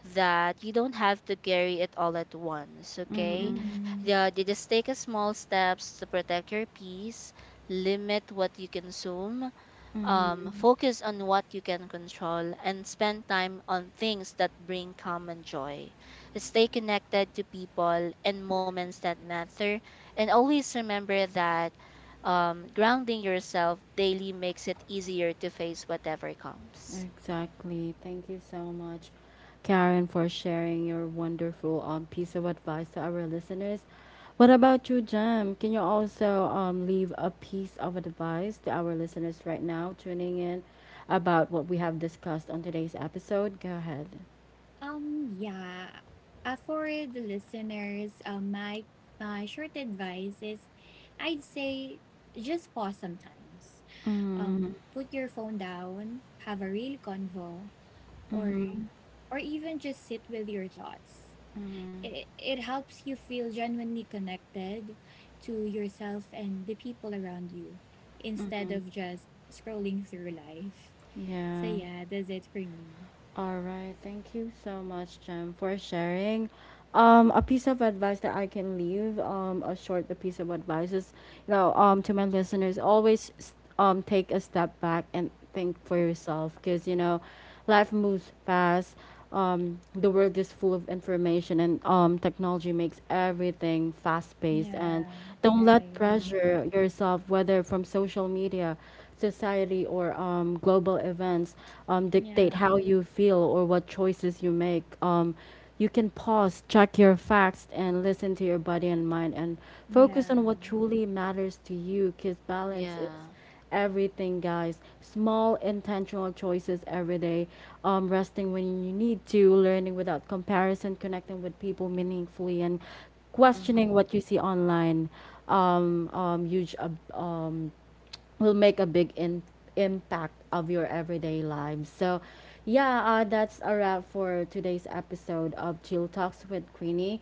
Speaker 3: that you don't have to carry it all at once. Okay,
Speaker 1: Mm-hmm.
Speaker 2: Mm-hmm.
Speaker 3: yeah, you just take a small steps to protect your peace, limit what you consume, focus on what you can control, and spend time on things that bring calm and joy. Stay connected to people and moments that matter, and always remember that grounding yourself daily makes it easier to face whatever comes.
Speaker 1: Exactly. Thank you so much, Karen, for sharing your wonderful piece of advice to our listeners. What about you, Jem? Can you also leave a piece of advice to our listeners right now tuning in about what we have discussed on today's episode? Go ahead.
Speaker 2: Yeah. For the listeners, my short advice is, I'd say just pause sometimes.
Speaker 1: Mm-hmm.
Speaker 2: Put your phone down, have a real convo, or
Speaker 1: Mm-hmm.
Speaker 2: or even just sit with your thoughts. It helps you feel genuinely connected to yourself and the people around you, instead
Speaker 1: Mm-hmm.
Speaker 2: of just scrolling through life. So
Speaker 1: Yeah.
Speaker 2: yeah, that's it for me.
Speaker 1: All right. Thank you so much, Jem, for sharing. A piece of advice that I can leave, a short piece of advice is, you know, to my listeners, always take a step back and think for yourself, because, you know, life moves fast, the world is full of information and technology makes everything fast paced. And
Speaker 2: Yeah,
Speaker 1: don't let
Speaker 2: right.
Speaker 3: Mm,
Speaker 1: pressure yourself, whether from social media, society, or global events,
Speaker 2: Yeah,
Speaker 1: dictate how you feel or what choices you make. You can pause, check your facts, and listen to your body and mind, and focus
Speaker 2: yeah,
Speaker 1: on what truly matters to you, because balance is
Speaker 3: yeah.
Speaker 1: everything, guys. Small intentional choices every day. Resting when you need to, learning without comparison, connecting with people meaningfully, and questioning
Speaker 3: Mhm.
Speaker 1: what you see online. Um, um, huge ab- um, will make a big impact of your everyday lives. So, yeah, that's a wrap for today's episode of Chill Talks with Queenie.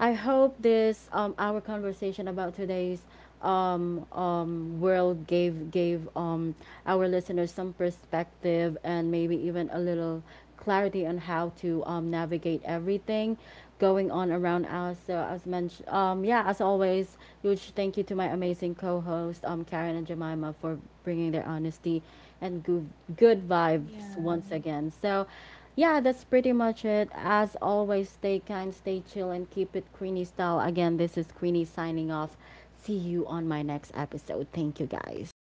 Speaker 1: I hope this our conversation about today's world gave our listeners some perspective and maybe even a little clarity on how to navigate everything going on around us. So as mentioned, yeah, as always, huge thank you to my amazing co-host, Karen and Jemima, for bringing their honesty and good vibes once
Speaker 2: yeah.
Speaker 1: again. So, yeah, that's pretty much it. As always, stay kind, stay chill, and keep it Queenie style. Again, this is Queenie signing off. See you on my next episode. Thank you, guys.